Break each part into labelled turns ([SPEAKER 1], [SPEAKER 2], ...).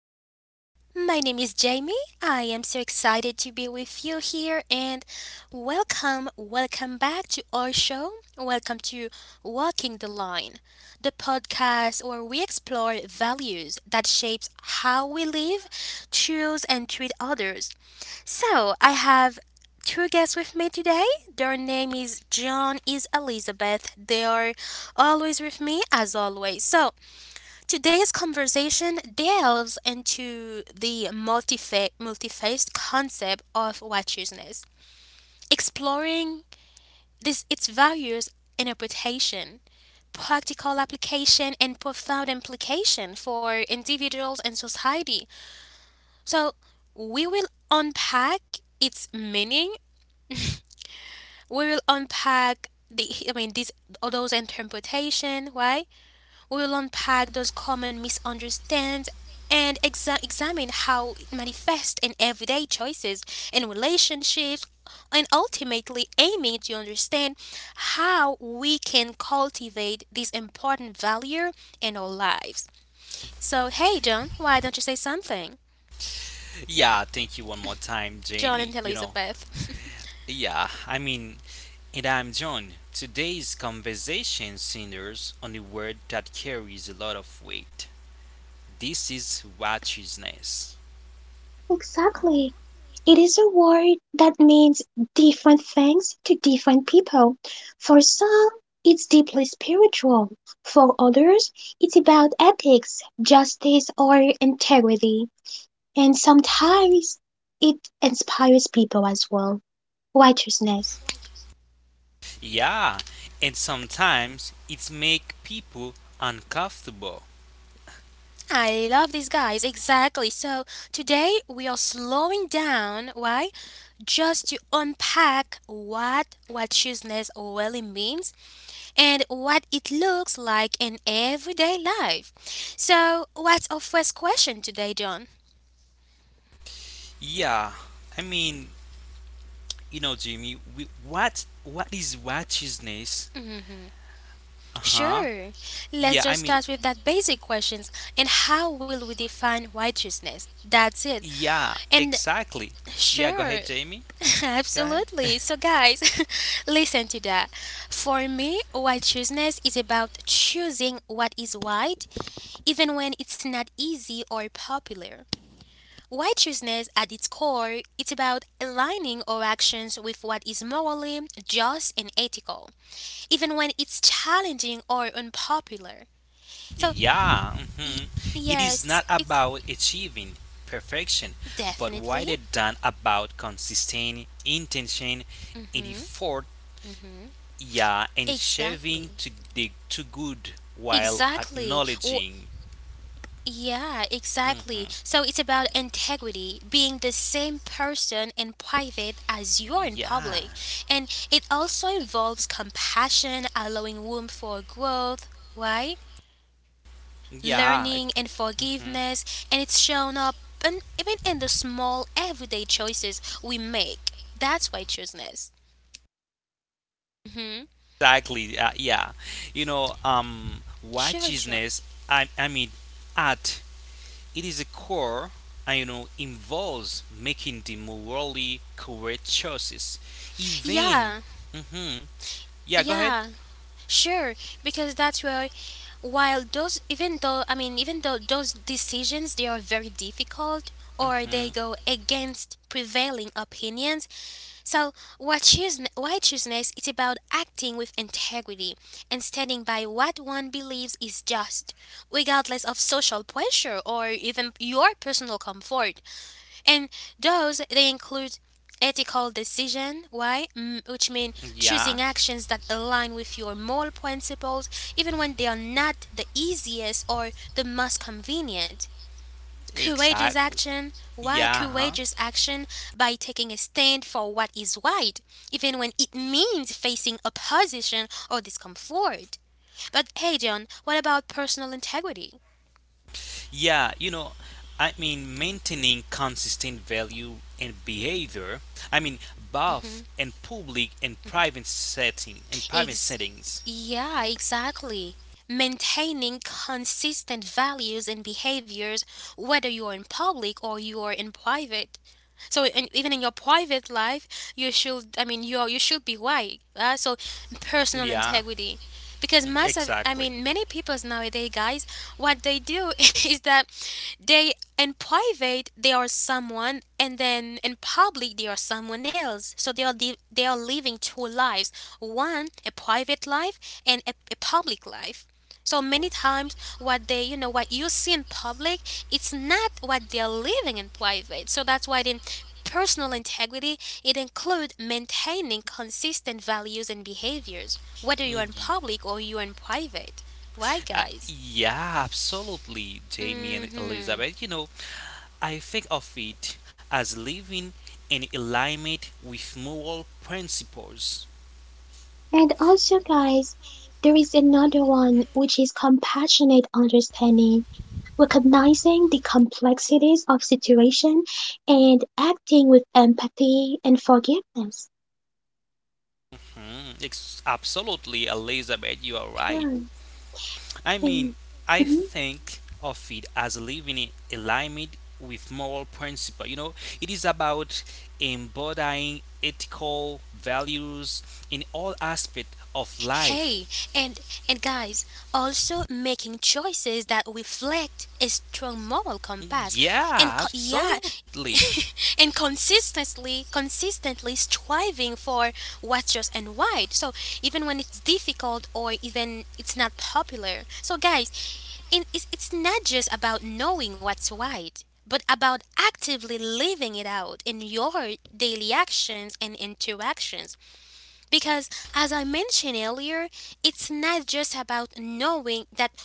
[SPEAKER 1] everyone! My name is Jamie. I am so excited to be with you here and welcome back to our show. Welcome to Walking the Line, the podcast where we explore values that shapes how we live, choose, and treat others. So, I have two guests with me today. Their name is John is Elizabeth. They are always with me as always. So, today's conversation delves into the multifaced concept of righteousness, exploring this its values, interpretation, practical application, and profound implication for individuals and society. So we will unpack its meaning. We will unpack the these all those interpretation. Why? We will unpack those common misunderstandings and examine how it manifests in everyday choices and relationships, and ultimately aiming to understand how we can cultivate this important value in our lives. So, hey, John, why don't you say something? John and Elizabeth.
[SPEAKER 2] Yeah, I mean, and I'm John. Today's conversation centers on a word that carries a lot of weight. This is righteousness.
[SPEAKER 3] Exactly. It is a word that means different things to different people. For some, it's deeply spiritual. For others, it's about ethics, justice, or integrity. And sometimes it inspires people as well, righteousness.
[SPEAKER 2] Yeah, and sometimes it make people uncomfortable.
[SPEAKER 1] I love these guys, exactly. So today we are slowing down, why? Just to unpack what righteousness really means and what it looks like in everyday life. So, what's our first question today, John?
[SPEAKER 2] Yeah, I mean, you know, Jimmy, what is righteousness? Uh huh.
[SPEAKER 1] Sure.
[SPEAKER 2] Yeah, I
[SPEAKER 1] Let's just
[SPEAKER 2] mean,
[SPEAKER 1] start with that basic questions and how will we define righteousness? That's it.
[SPEAKER 2] yeah,
[SPEAKER 1] And
[SPEAKER 2] exactly. Yeah, go ahead,
[SPEAKER 1] sure,
[SPEAKER 2] Jamie. Go ahead.
[SPEAKER 1] absolutely. So, guys, listen to that. For me, righteousness is about choosing what is right, even when it's not easy or popular. Righteousness, at its core, it's about aligning our actions with what is morally just and ethical, even when it's challenging or unpopular. So,
[SPEAKER 2] Yeah.
[SPEAKER 1] y-
[SPEAKER 2] Mhm. It is
[SPEAKER 1] yes,
[SPEAKER 2] not
[SPEAKER 1] it's
[SPEAKER 2] about achieving perfection, but
[SPEAKER 1] definitely,
[SPEAKER 2] rather than about consistent intention and effort. Yeah, and shaving
[SPEAKER 1] exactly.
[SPEAKER 2] to good while
[SPEAKER 1] Exactly.
[SPEAKER 2] acknowledging.
[SPEAKER 1] Yeah, exactly. So it's about integrity, being the same person in private as you are in
[SPEAKER 2] Yeah.
[SPEAKER 1] public. And it also involves compassion, allowing room for growth, right?
[SPEAKER 2] Yeah.
[SPEAKER 1] Learning and forgiveness. And it's shown up and even in the small everyday choices we make. That's why choosing is. hmm
[SPEAKER 2] Exactly. Yeah.
[SPEAKER 1] Sure, John.
[SPEAKER 2] Righteousness. I mean, at. It is a core, and you know, involves making the morally correct choices. Even.
[SPEAKER 1] Yeah,
[SPEAKER 2] Hmm, yeah, go ahead.
[SPEAKER 1] yeah. Sure, because that's where, while those, even though, even though those decisions, they are very difficult or they
[SPEAKER 2] Mhm.
[SPEAKER 1] go against prevailing opinions. So what choose, righteousness is about acting with integrity and standing by what one believes is just, regardless of social pressure or even your personal comfort, and those they include ethical decision. Why? Mm, which mean choosing
[SPEAKER 2] Yeah,
[SPEAKER 1] actions that align with your moral principles even when they are not the easiest or the most convenient. Courageous
[SPEAKER 2] exactly.
[SPEAKER 1] action. Why
[SPEAKER 2] Yeah, huh?
[SPEAKER 1] courageous action? By taking a stand for what is right even when it means facing opposition or discomfort. But hey, John, what about personal integrity?
[SPEAKER 2] Yeah, you know, I mean, maintaining consistent value and behavior. I mean, both in public and private
[SPEAKER 1] Ex-
[SPEAKER 2] settings.
[SPEAKER 1] yeah, exactly. Maintaining consistent values and behaviors, whether you're in public or you're in private. So in, even in your private life, you should. You should be right. So personal
[SPEAKER 2] Yeah,
[SPEAKER 1] integrity, because most of,
[SPEAKER 2] exactly.
[SPEAKER 1] many people nowadays, guys, what they do is that they in private they are someone and then in public they are someone else, so they are they are living two lives, one a private life and a public life. So many times, what they, what you see in public, it's not what they're living in private. So that's why then personal integrity, it includes maintaining consistent values and behaviors, whether you're
[SPEAKER 2] Mm,
[SPEAKER 1] in
[SPEAKER 2] y-
[SPEAKER 1] public or you're in private. Why, guys?
[SPEAKER 2] Yeah, absolutely, Jamie and
[SPEAKER 1] hmm
[SPEAKER 2] Elizabeth. You know, I think of it as living in alignment with moral principles.
[SPEAKER 3] And also, guys, there is another one which is compassionate understanding, recognizing the complexities of situation and acting with empathy and forgiveness.
[SPEAKER 2] Hmm, absolutely, Elizabeth, you are right.
[SPEAKER 3] Sure.
[SPEAKER 2] I mean,
[SPEAKER 3] And
[SPEAKER 2] I
[SPEAKER 3] mhm,
[SPEAKER 2] think of it as living in alignment with moral principle. You know, it is about embodying ethical values in all aspects of life.
[SPEAKER 1] Hey, and and guys, also making choices that reflect a strong moral compass and
[SPEAKER 2] Yeah,
[SPEAKER 1] yeah,
[SPEAKER 2] absolutely.
[SPEAKER 1] and consistently striving for what's just and right. So even when it's difficult or even it's not popular. So guys, it's not just about knowing what's right, but about actively living it out in your daily actions and interactions because, as I mentioned earlier, it's not just about knowing that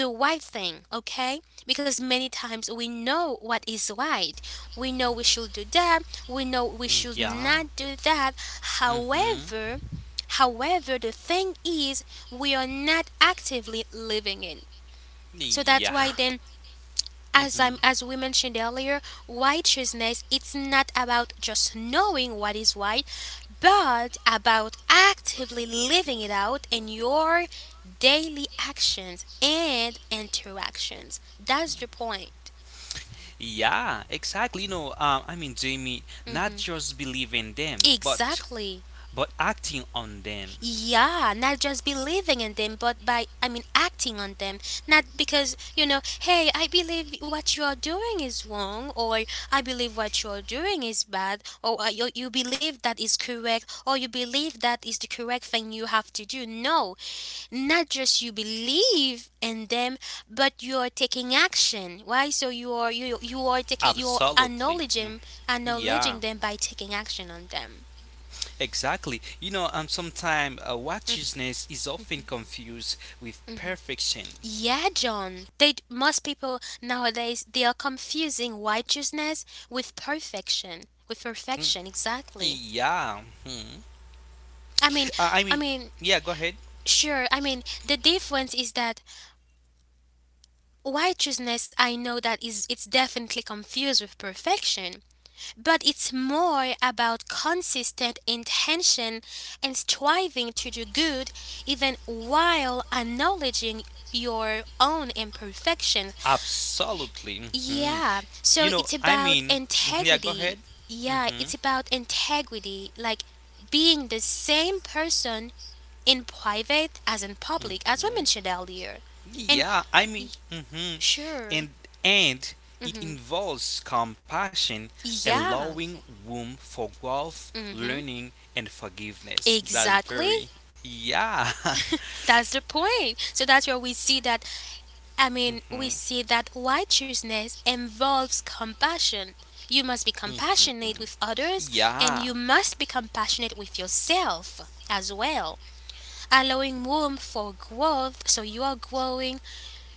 [SPEAKER 1] the right thing, okay? Because many times we know what is right. We know we should do that. We know we
[SPEAKER 2] Mm.
[SPEAKER 1] should
[SPEAKER 2] Yeah.
[SPEAKER 1] not do that.
[SPEAKER 2] Mm-hmm.
[SPEAKER 1] However, however, the thing is, we are not actively living it. So that's
[SPEAKER 2] Yeah.
[SPEAKER 1] why then as I'm
[SPEAKER 2] Mm-hmm.
[SPEAKER 1] as we mentioned earlier, righteousness, it's not about just knowing what is right, but about actively living it out in your daily actions and interactions. That's the point.
[SPEAKER 2] Yeah, exactly. You know, I mean, Jamie, not
[SPEAKER 1] hmm
[SPEAKER 2] just believing them, but
[SPEAKER 1] Exactly.
[SPEAKER 2] but acting on them.
[SPEAKER 1] Yeah, not just believing in them, but by, acting on them. Not because, hey, I believe what you're doing is wrong, or I believe what you're doing is bad, or you believe that is correct, or you believe that is the correct thing you have to do. No, not just you believe in them, but you're taking action. Why? So you are you are taking you're
[SPEAKER 2] Absolutely. Mm.
[SPEAKER 1] acknowledging
[SPEAKER 2] Yeah,
[SPEAKER 1] acknowledging them by taking action on them.
[SPEAKER 2] exactly. Sometimes righteousness is often confused with perfection.
[SPEAKER 1] Yeah, John. They most people nowadays they are confusing righteousness with perfection. With perfection, exactly.
[SPEAKER 2] Yeah.
[SPEAKER 1] I mean,
[SPEAKER 2] I
[SPEAKER 1] I
[SPEAKER 2] mean,
[SPEAKER 1] mean,
[SPEAKER 2] yeah, go ahead.
[SPEAKER 1] sure. I mean, the difference is that righteousness. I know that is it's definitely confused with perfection, but it's more about consistent intention and striving to do good, even while acknowledging your own imperfections.
[SPEAKER 2] Absolutely. Hmm.
[SPEAKER 1] Yeah, so
[SPEAKER 2] You
[SPEAKER 1] it's
[SPEAKER 2] know, I
[SPEAKER 1] about
[SPEAKER 2] mean, mhm, yeah, go
[SPEAKER 1] integrity.
[SPEAKER 2] ahead.
[SPEAKER 1] Yeah, it's about integrity, like being the same person in private as in public, as we mentioned earlier. And
[SPEAKER 2] Yeah, I
[SPEAKER 1] y-
[SPEAKER 2] mean, mhm.
[SPEAKER 1] sure,
[SPEAKER 2] and and it
[SPEAKER 1] mm-hmm.
[SPEAKER 2] involves compassion,
[SPEAKER 1] Yeah,
[SPEAKER 2] allowing room for growth,
[SPEAKER 1] mm-hmm.
[SPEAKER 2] learning, and forgiveness. That's
[SPEAKER 1] Exactly.
[SPEAKER 2] very. Yeah.
[SPEAKER 1] That's the point. So that's where we see that,
[SPEAKER 2] Mhm.
[SPEAKER 1] we see that righteousness involves compassion. You must be compassionate with others
[SPEAKER 2] Yeah,
[SPEAKER 1] and you must be compassionate with yourself as well, allowing room for growth, so you are growing,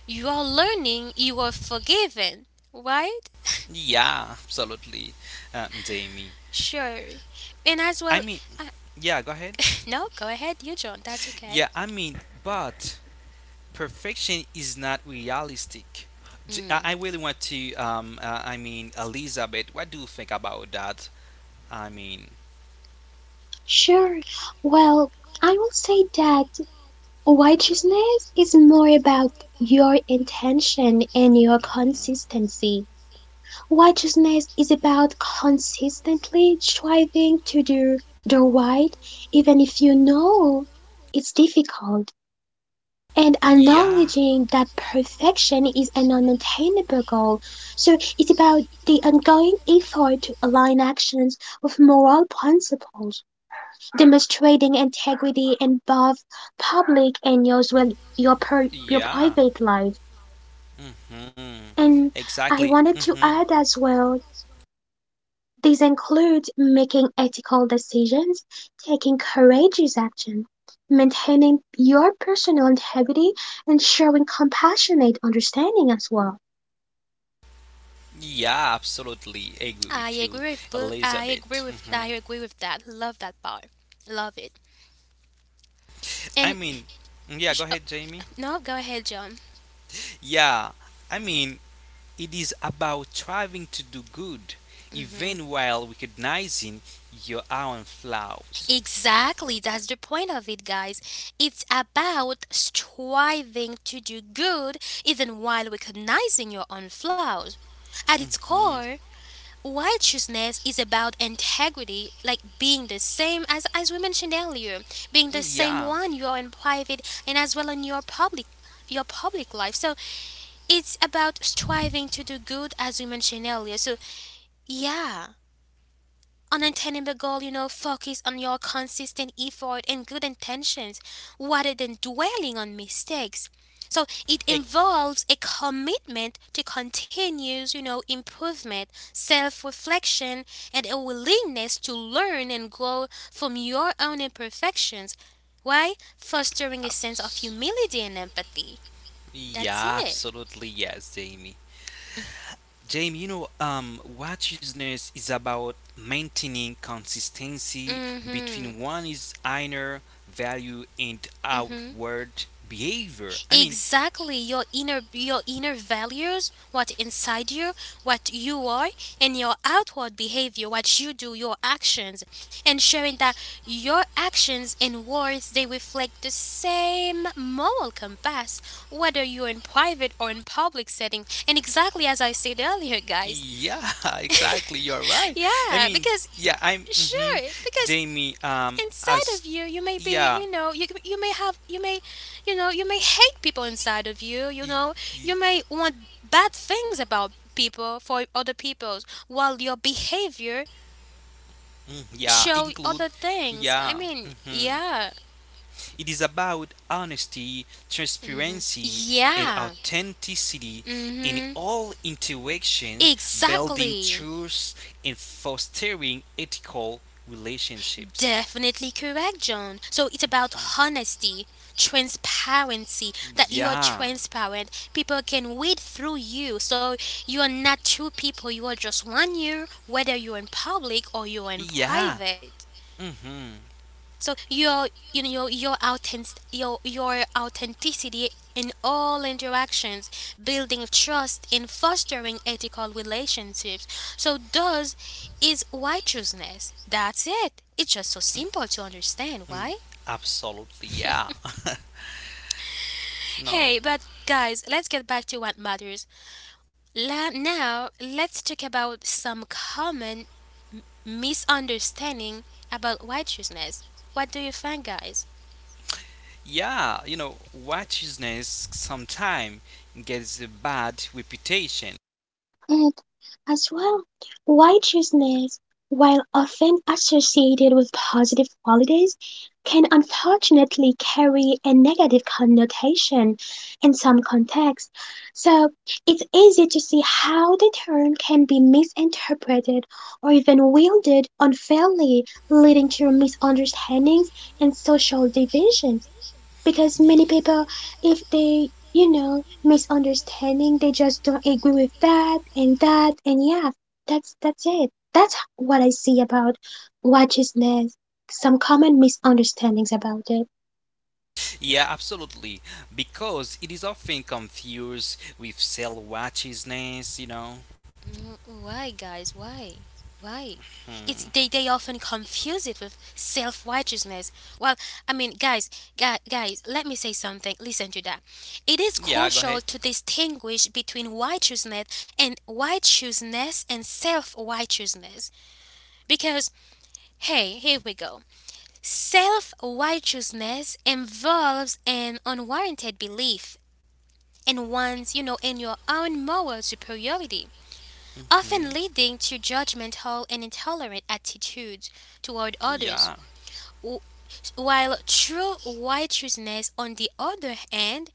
[SPEAKER 1] you are learning, you are forgiven, right?
[SPEAKER 2] yeah, absolutely, Jamie.
[SPEAKER 1] Sure. And as
[SPEAKER 2] I
[SPEAKER 1] well,
[SPEAKER 2] mean,
[SPEAKER 1] uh,
[SPEAKER 2] yeah, go ahead.
[SPEAKER 1] no, go ahead, you John, that's okay.
[SPEAKER 2] Yeah, I mean, but perfection is not realistic. J- I
[SPEAKER 1] Mm.
[SPEAKER 2] I really want to. I mean, Elizabeth, what do you think about that? I mean.
[SPEAKER 3] sure. Well, I will say that righteousness is more about your intention and your consistency. Righteousness is about consistently striving to do the right, even if you know it's difficult, and
[SPEAKER 2] Yeah.
[SPEAKER 3] acknowledging that perfection is an unattainable goal. So it's about the ongoing effort to align actions with moral principles, demonstrating integrity in both public and your
[SPEAKER 2] Yeah.
[SPEAKER 3] private life.
[SPEAKER 2] Mm-hmm.
[SPEAKER 3] And I
[SPEAKER 2] Exactly.
[SPEAKER 3] wanted to
[SPEAKER 2] Mm-hmm.
[SPEAKER 3] add as well, these include making ethical decisions, taking courageous action, maintaining your personal integrity, and showing compassionate understanding as well.
[SPEAKER 2] Yeah, absolutely agree
[SPEAKER 1] I
[SPEAKER 2] with you,
[SPEAKER 1] agree with
[SPEAKER 2] Elizabeth.
[SPEAKER 1] I
[SPEAKER 2] Mm-hmm.
[SPEAKER 1] agree with that. Love that part. Love it.
[SPEAKER 2] I
[SPEAKER 1] And
[SPEAKER 2] mean, yeah, go
[SPEAKER 1] oh,
[SPEAKER 2] ahead, Jamie.
[SPEAKER 1] no, go ahead, John.
[SPEAKER 2] Yeah, I mean, it is about striving to do good,
[SPEAKER 1] Mhm.
[SPEAKER 2] even while recognizing your own flaws.
[SPEAKER 1] Exactly, that's the point of it, guys. It's about striving to do good even while recognizing your own flaws. At its
[SPEAKER 2] Mhm.
[SPEAKER 1] core, righteousness is about integrity, like being the same as we mentioned earlier, being the same
[SPEAKER 2] Yeah.
[SPEAKER 1] one you are in private and as well in your public, your public life. So it's about striving to do good as we mentioned earlier. So yeah. Unattainable goal, you know, focus on your consistent effort and good intentions rather than dwelling on mistakes. So it
[SPEAKER 2] Ex-
[SPEAKER 1] involves a commitment to continuous, improvement, self-reflection, and a willingness to learn and grow from your own imperfections. Why? Fostering a sense of
[SPEAKER 2] abs-
[SPEAKER 1] humility and empathy. That's
[SPEAKER 2] yeah,
[SPEAKER 1] it.
[SPEAKER 2] absolutely yes, Jamie. Jamie, righteousness is about maintaining consistency
[SPEAKER 1] Mm-hmm.
[SPEAKER 2] between one is inner value and
[SPEAKER 1] Mm-hmm.
[SPEAKER 2] outward behavior. I mean,
[SPEAKER 1] Exactly, your inner, your inner values, what inside you, what you are, and your outward behavior, what you do, your actions, ensuring that your actions and words they reflect the same moral compass whether you're in private or in public setting, and exactly as I said earlier, guys.
[SPEAKER 2] yeah, exactly. You're right. I
[SPEAKER 1] Yeah,
[SPEAKER 2] mean,
[SPEAKER 1] because
[SPEAKER 2] yeah, I'm. Hmm.
[SPEAKER 1] sure because
[SPEAKER 2] Jamie,
[SPEAKER 1] inside
[SPEAKER 2] as
[SPEAKER 1] of you you may be,
[SPEAKER 2] yeah,
[SPEAKER 1] you may have you may, you may hate people inside of you, you
[SPEAKER 2] y-
[SPEAKER 1] know
[SPEAKER 2] y-
[SPEAKER 1] you may want bad things about people for other people's while your behavior
[SPEAKER 2] mm, yeah,
[SPEAKER 1] show
[SPEAKER 2] include,
[SPEAKER 1] other things.
[SPEAKER 2] yeah. Hmm.
[SPEAKER 1] Yeah.
[SPEAKER 2] It is about honesty,
[SPEAKER 1] Hmm,
[SPEAKER 2] transparency, and
[SPEAKER 1] yeah.
[SPEAKER 2] authenticity in
[SPEAKER 1] Hmm,
[SPEAKER 2] all interaction, building
[SPEAKER 1] exactly.
[SPEAKER 2] trust, and fostering ethical relationships.
[SPEAKER 1] Definitely correct, John. So it's about honesty, transparency, that you are
[SPEAKER 2] Yeah.
[SPEAKER 1] transparent. People can read through you. So you are not two people, you are just one you, whether you're in public or you're in
[SPEAKER 2] Yeah.
[SPEAKER 1] private.
[SPEAKER 2] Mm-hmm.
[SPEAKER 1] So your, your authentic, your authenticity in all interactions, building trust and fostering ethical relationships. So those is righteousness. That's it. It's just so simple to understand why.
[SPEAKER 2] Absolutely. Yeah. No.
[SPEAKER 1] Hey, but guys, let's get back to what matters. Now let's talk about some common misunderstanding about righteousness. What do you think, guys?
[SPEAKER 2] Yeah. Righteousness sometimes gets a bad reputation.
[SPEAKER 3] And as well, righteousness, while often associated with positive qualities, can unfortunately carry a negative connotation in some contexts. So it's easy to see how the term can be misinterpreted or even wielded unfairly, leading to misunderstandings and social divisions, because many
[SPEAKER 2] Ye-
[SPEAKER 3] people, if they misunderstanding, they just don't agree with that and that. And yeah, that's it, that's what I see about righteousness, some common misunderstandings about it.
[SPEAKER 2] Yeah, absolutely. Because it is often confused with cell watchiness.
[SPEAKER 1] Mm, why, guys? Why? Why? It's they often confuse it with self righteousness. Well, guys, let me say something. Listen to that. It is
[SPEAKER 2] Yeah, go ahead.
[SPEAKER 1] crucial to distinguish between righteousness and self righteousness because hey, here we go. Self righteousness involves an unwarranted belief in one's, in your own moral superiority often
[SPEAKER 2] Hmm.
[SPEAKER 1] leading to judgmental and intolerant attitudes toward others.
[SPEAKER 2] Yeah.
[SPEAKER 1] Wh- While true righteousness, on the other hand,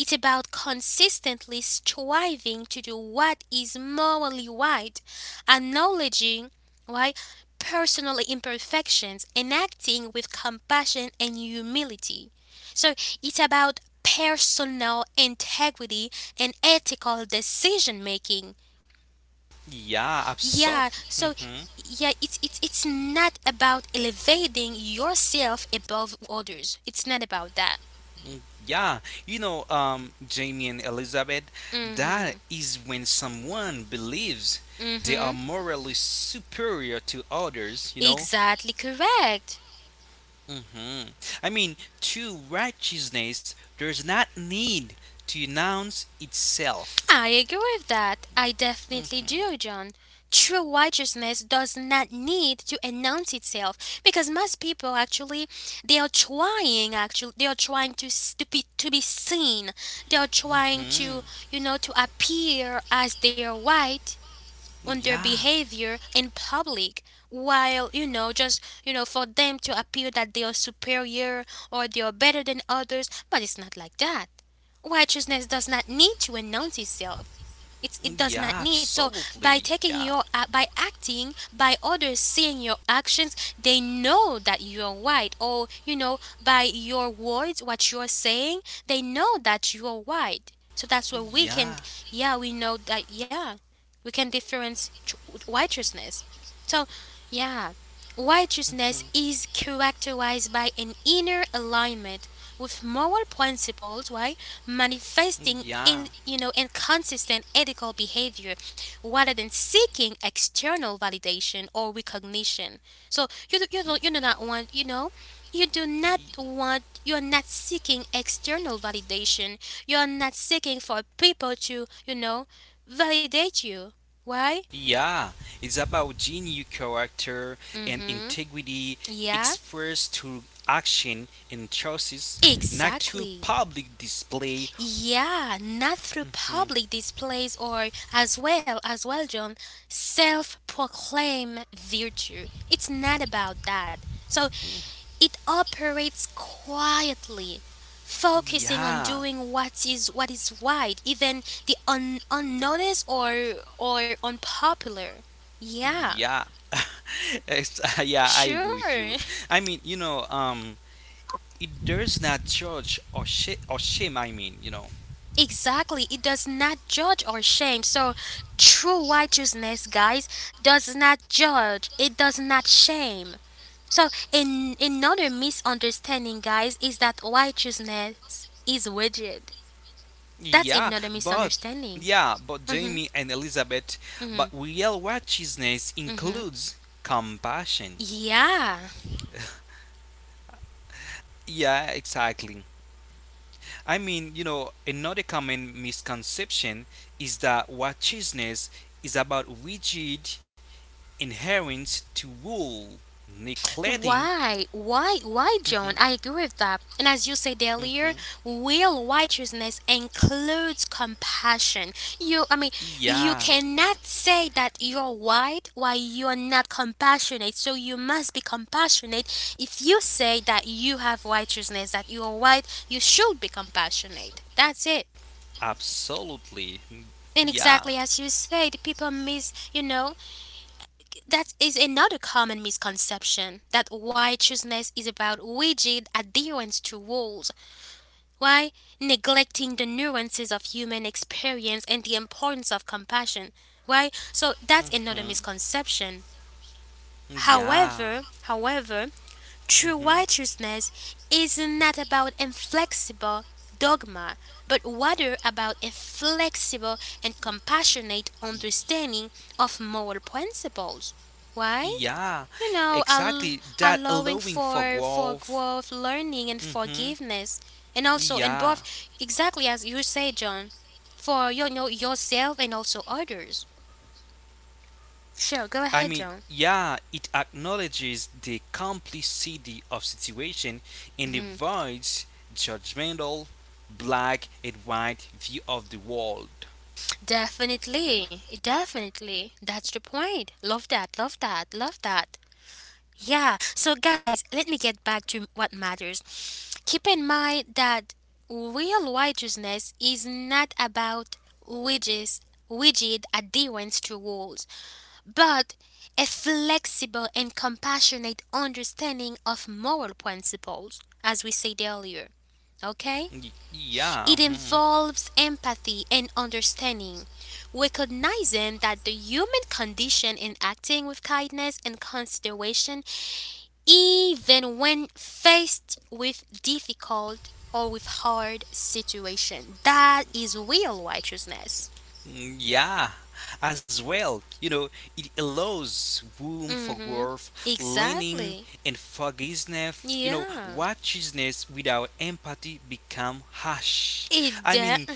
[SPEAKER 1] is about consistently striving to do what is morally right, acknowledging why personal imperfections and acting with compassion and humility. So it's about personal integrity and ethical decision making.
[SPEAKER 2] Yeah,
[SPEAKER 1] Yeah,
[SPEAKER 2] absolutely.
[SPEAKER 1] so
[SPEAKER 2] Hmm.
[SPEAKER 1] yeah, it's it's not about elevating yourself above others. It's not about that.
[SPEAKER 2] Yeah, you know, Jamie and Elizabeth, that
[SPEAKER 1] Mhm.
[SPEAKER 2] is when someone believes they are
[SPEAKER 1] Mhm.
[SPEAKER 2] morally superior to others.
[SPEAKER 1] Exactly correct.
[SPEAKER 2] Hmm. I mean, true righteousness does not need to announce itself.
[SPEAKER 1] I agree with that. I definitely
[SPEAKER 2] Hmm.
[SPEAKER 1] do, John. True righteousness does not need to announce itself because most people actually they are trying actually they are trying to to be seen. They are trying to to appear as they are white on their
[SPEAKER 2] Yeah,
[SPEAKER 1] behavior in public while you know just you know for them to appear that they are superior or they are better than others, but it's not like that. Righteousness does not need to announce itself. It does not
[SPEAKER 2] yeah,
[SPEAKER 1] need. So by
[SPEAKER 2] absolutely.
[SPEAKER 1] taking your
[SPEAKER 2] Yeah.
[SPEAKER 1] by acting, by others seeing your actions, they know that you're white, or by your words, what you're saying, they know that you're white. So that's where we
[SPEAKER 2] Yeah,
[SPEAKER 1] can, yeah, we know that, yeah, we can difference righteousness. So, yeah, righteousness is characterized by an inner alignment with moral principles, right? Manifesting
[SPEAKER 2] yeah,
[SPEAKER 1] in consistent ethical behavior rather than seeking external validation or recognition. So, you do not want, you do not want, you're not seeking external validation. You're not seeking for people to, validate you. Why?
[SPEAKER 2] yeah, it's about genuine character and
[SPEAKER 1] Mm-hmm.
[SPEAKER 2] integrity
[SPEAKER 1] Yeah.
[SPEAKER 2] expressed through action and choices, not through
[SPEAKER 1] Exactly.
[SPEAKER 2] public display.
[SPEAKER 1] Yeah, not through public displays or as well, John, self-proclaim virtue. It's not about that. So it operates quietly, focusing on
[SPEAKER 2] Yeah,
[SPEAKER 1] doing what is right, even the unnoticed or unpopular. Yeah.
[SPEAKER 2] yeah, yeah. I agree with
[SPEAKER 1] Sure.
[SPEAKER 2] you. I mean, it does not judge or shame. I mean, you know,
[SPEAKER 1] Exactly, it does not judge or shame. So, true righteousness, guys, does not judge, it does not shame. So, an another misunderstanding, guys, is that righteousness is rigid. That's
[SPEAKER 2] yeah,
[SPEAKER 1] another
[SPEAKER 2] but.
[SPEAKER 1] misunderstanding.
[SPEAKER 2] Yeah, but
[SPEAKER 1] Mm hmm,
[SPEAKER 2] Jamie and Elizabeth,
[SPEAKER 1] mm hmm,
[SPEAKER 2] but real righteousness
[SPEAKER 1] mm hmm.
[SPEAKER 2] includes compassion.
[SPEAKER 1] Yeah.
[SPEAKER 2] Yeah, exactly. I mean, another common misconception is that watchfulness is about rigid adherence to rule, neglecting.
[SPEAKER 1] Why? Why? Why,
[SPEAKER 2] Mhm,
[SPEAKER 1] John? I agree with that. And as you said earlier,
[SPEAKER 2] mhm.
[SPEAKER 1] real righteousness includes compassion. You, I mean, you
[SPEAKER 2] Yeah,
[SPEAKER 1] cannot say that you're white while you're not compassionate. So you must be compassionate. If you say that you have righteousness, that you're white, you should be compassionate. That's it.
[SPEAKER 2] absolutely.
[SPEAKER 1] And
[SPEAKER 2] Yeah.
[SPEAKER 1] exactly as you said, people miss, that is another common misconception, that righteousness is about rigid adherence to rules, why, neglecting the nuances of human experience and the importance of compassion, right? So that's another
[SPEAKER 2] Mhm.
[SPEAKER 1] misconception.
[SPEAKER 2] Yeah.
[SPEAKER 1] However, however, true
[SPEAKER 2] Hmm.
[SPEAKER 1] righteousness is not about inflexible dogma, but rather about a flexible and compassionate understanding of moral principles. Why?
[SPEAKER 2] Yeah.
[SPEAKER 1] you know al-
[SPEAKER 2] Exactly. That
[SPEAKER 1] Allowing
[SPEAKER 2] allowing for
[SPEAKER 1] for
[SPEAKER 2] growth.
[SPEAKER 1] growth, learning, and
[SPEAKER 2] Hmm.
[SPEAKER 1] forgiveness, and also in
[SPEAKER 2] Yeah.
[SPEAKER 1] both, exactly as you say, John, for yourself and also others. Sure, go
[SPEAKER 2] I
[SPEAKER 1] ahead,
[SPEAKER 2] mean,
[SPEAKER 1] John.
[SPEAKER 2] yeah, it acknowledges the complexity of situation and
[SPEAKER 1] Hmm.
[SPEAKER 2] avoids judgmental black and white view of the world.
[SPEAKER 1] Definitely, definitely, that's the point. Love that, love that, love that. Yeah, so guys, let me get back to what matters. Keep in mind that real righteousness is not about wages, rigid adherence to rules, but a flexible and compassionate understanding of moral principles, as we said earlier. Okay?
[SPEAKER 2] Yeah,
[SPEAKER 1] It
[SPEAKER 2] mhm,
[SPEAKER 1] involves empathy and understanding, recognizing that the human condition in acting with kindness and consideration, even when faced with difficult or with hard situation. That is real righteousness.
[SPEAKER 2] mm, yeah. As well, it allows room for
[SPEAKER 1] Mm-hmm.
[SPEAKER 2] growth, learning,
[SPEAKER 1] Exactly.
[SPEAKER 2] and forgiveness. You know,
[SPEAKER 1] Yeah.
[SPEAKER 2] righteousness without empathy become harsh.
[SPEAKER 1] It
[SPEAKER 2] I
[SPEAKER 1] de-
[SPEAKER 2] mean,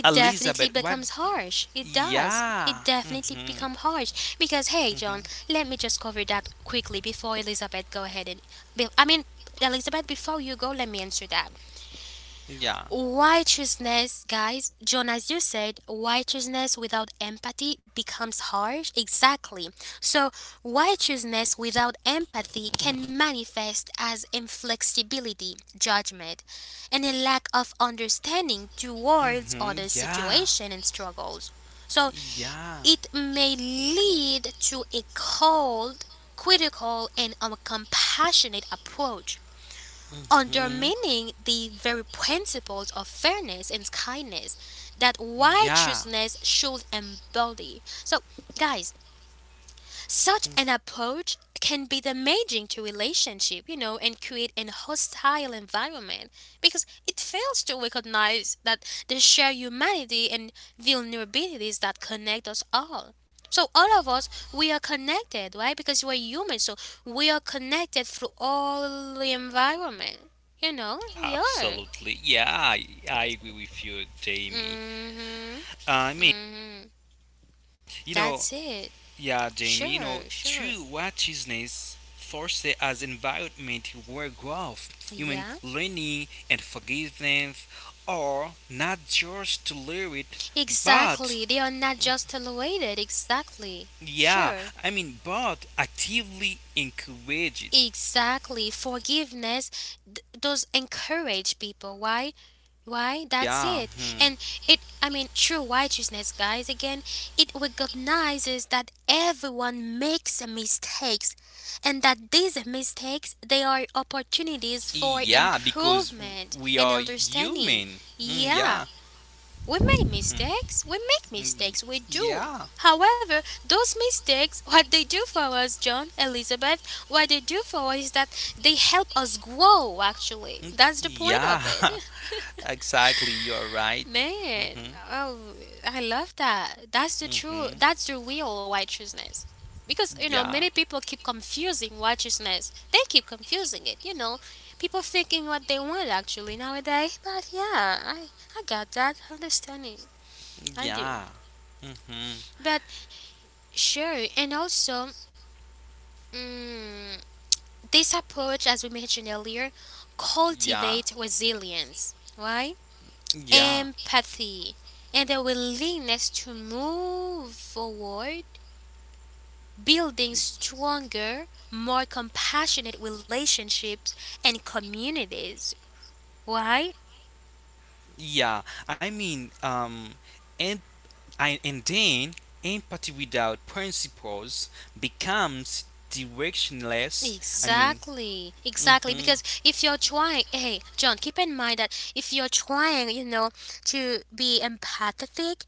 [SPEAKER 1] it definitely
[SPEAKER 2] Elizabeth, what?
[SPEAKER 1] becomes harsh. It does. It
[SPEAKER 2] Yeah.
[SPEAKER 1] definitely
[SPEAKER 2] Mhm,
[SPEAKER 1] become harsh because hey,
[SPEAKER 2] mhm.
[SPEAKER 1] John, let me just cover that quickly before Elizabeth go ahead, and I mean, Elizabeth, before you go, let me answer that.
[SPEAKER 2] Yeah.
[SPEAKER 1] Righteousness, guys, John, as you said, righteousness without empathy becomes harsh. Exactly. So, righteousness without empathy can manifest as inflexibility, judgment, and a lack of understanding towards
[SPEAKER 2] Hmm.
[SPEAKER 1] other
[SPEAKER 2] Yeah.
[SPEAKER 1] situation and struggles. So,
[SPEAKER 2] Yeah.
[SPEAKER 1] it may lead to a cold, critical, and uncompassionate approach,
[SPEAKER 2] Hmm.
[SPEAKER 1] undermining the very principles of fairness and kindness that
[SPEAKER 2] Yeah.
[SPEAKER 1] righteousness should embody. So, guys, such an approach can be damaging to relationship, and create an hostile environment because it fails to recognize that the shared humanity and vulnerabilities that connect us all. So all of us, we are connected, right? Because we're human, so we are connected through all the environment. You know, we are.
[SPEAKER 2] Absolutely. Yeah, I agree with you, Jamie.
[SPEAKER 1] Mhm.
[SPEAKER 2] I mean,
[SPEAKER 1] Mhm.
[SPEAKER 2] you know,
[SPEAKER 1] That's it.
[SPEAKER 2] yeah, Jamie,
[SPEAKER 1] Sure, sure.
[SPEAKER 2] true righteousness fostered as environment where growth, human
[SPEAKER 1] Yeah.
[SPEAKER 2] learning, and forgiveness are not just tolerated, but,
[SPEAKER 1] Exactly. They are not just tolerated. Exactly.
[SPEAKER 2] yeah,
[SPEAKER 1] Sure.
[SPEAKER 2] I mean, but actively encouraged.
[SPEAKER 1] Exactly. Forgiveness does encourage people. Why? Why? That's
[SPEAKER 2] Yeah.
[SPEAKER 1] it.
[SPEAKER 2] Hmm.
[SPEAKER 1] And it, I mean, true righteousness, guys, again, it recognizes that everyone makes mistakes, and that these mistakes, they are opportunities for
[SPEAKER 2] Yeah, because
[SPEAKER 1] improvement
[SPEAKER 2] we
[SPEAKER 1] and
[SPEAKER 2] are
[SPEAKER 1] understanding.
[SPEAKER 2] human. Mm,
[SPEAKER 1] Yeah.
[SPEAKER 2] yeah.
[SPEAKER 1] We make
[SPEAKER 2] Mm,
[SPEAKER 1] mistakes. We make
[SPEAKER 2] mm,
[SPEAKER 1] mistakes. We do.
[SPEAKER 2] yeah.
[SPEAKER 1] However, those mistakes, what they do for us, John, Elizabeth, what they do for us is that they help us grow, actually. That's the point
[SPEAKER 2] Yeah.
[SPEAKER 1] of it.
[SPEAKER 2] Exactly. You're right.
[SPEAKER 1] Man,
[SPEAKER 2] Mhm.
[SPEAKER 1] oh, I love that. That's the true,
[SPEAKER 2] Mhm.
[SPEAKER 1] that's the real righteousness. Because, you know,
[SPEAKER 2] Yeah.
[SPEAKER 1] many people keep confusing righteousness. They keep confusing it, you know. People thinking what they want, actually, nowadays. But yeah, I got that understanding. I do.
[SPEAKER 2] Yeah. Mhm.
[SPEAKER 1] But sure, and also, mm, this approach, as we mentioned earlier,
[SPEAKER 2] Yeah.
[SPEAKER 1] cultivate resilience, right?
[SPEAKER 2] Yeah.
[SPEAKER 1] Empathy, and a willingness to move forward, building stronger, more compassionate relationships and communities, right?
[SPEAKER 2] Yeah. I mean, and and then empathy without principles becomes directionless. I mean,
[SPEAKER 1] Exactly, exactly.
[SPEAKER 2] mhm.
[SPEAKER 1] Because if you're trying, hey, John, keep in mind that if you're trying, to be empathetic,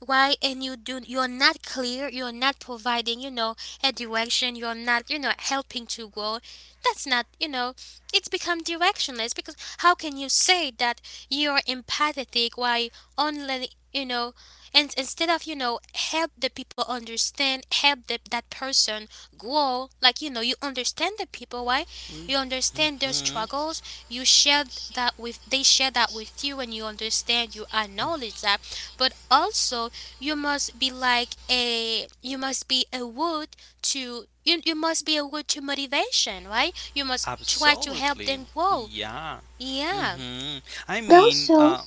[SPEAKER 1] why, and you do, you're not clear, you're not providing, a direction, you're not, helping to grow, that's not, it's become directionless. Because how can you say that you're empathetic while only, and instead of, help the people understand, help that person grow, like, you understand the people, why, you understand their
[SPEAKER 2] Hmm.
[SPEAKER 1] struggles. You share that with, they share that with you, and you understand, you acknowledge that. But also, you must be a wood to you, you must be a wood to motivation, right? You must try to help
[SPEAKER 2] Absolutely.
[SPEAKER 1] them grow.
[SPEAKER 2] Yeah.
[SPEAKER 1] Yeah,
[SPEAKER 2] Mm-hmm. I
[SPEAKER 3] And
[SPEAKER 2] mean,
[SPEAKER 3] also,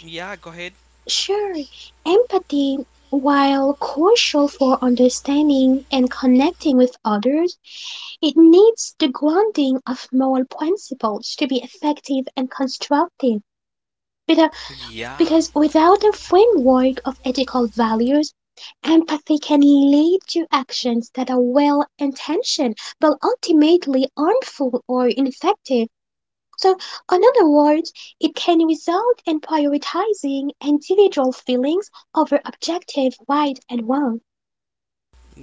[SPEAKER 2] yeah, go ahead.
[SPEAKER 3] sure, empathy, while crucial for understanding and connecting with others, it needs the grounding of moral principles to be effective and constructive. Without—
[SPEAKER 2] Yeah.
[SPEAKER 3] because without a framework of ethical values, empathy can lead to actions that are well intentioned but ultimately harmful or ineffective. So, in other words, it can result in prioritizing individual feelings over objective right and wrong,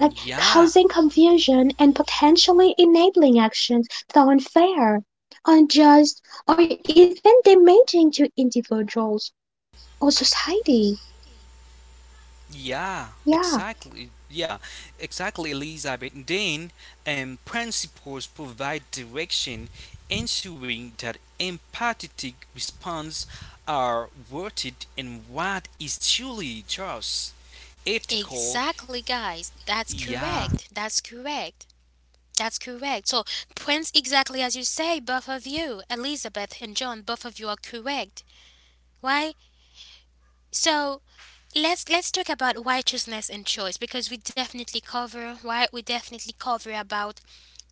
[SPEAKER 3] like causing confusion and potentially enabling actions that are unfair, unjust, or even damaging to individuals or society.
[SPEAKER 2] Yeah,
[SPEAKER 3] Yeah.
[SPEAKER 2] exactly. Yeah, exactly, Elizabeth. Then, principles provide direction, ensuring that empathetic responses are rooted in what is truly just, ethical.
[SPEAKER 1] exactly, guys, that's
[SPEAKER 2] Yeah,
[SPEAKER 1] correct, that's correct, that's correct. So, Prince, exactly as you say, both of you, Elizabeth and John, both of you are correct. Why? So, let's talk about righteousness and choice, because we definitely cover, why, we definitely cover about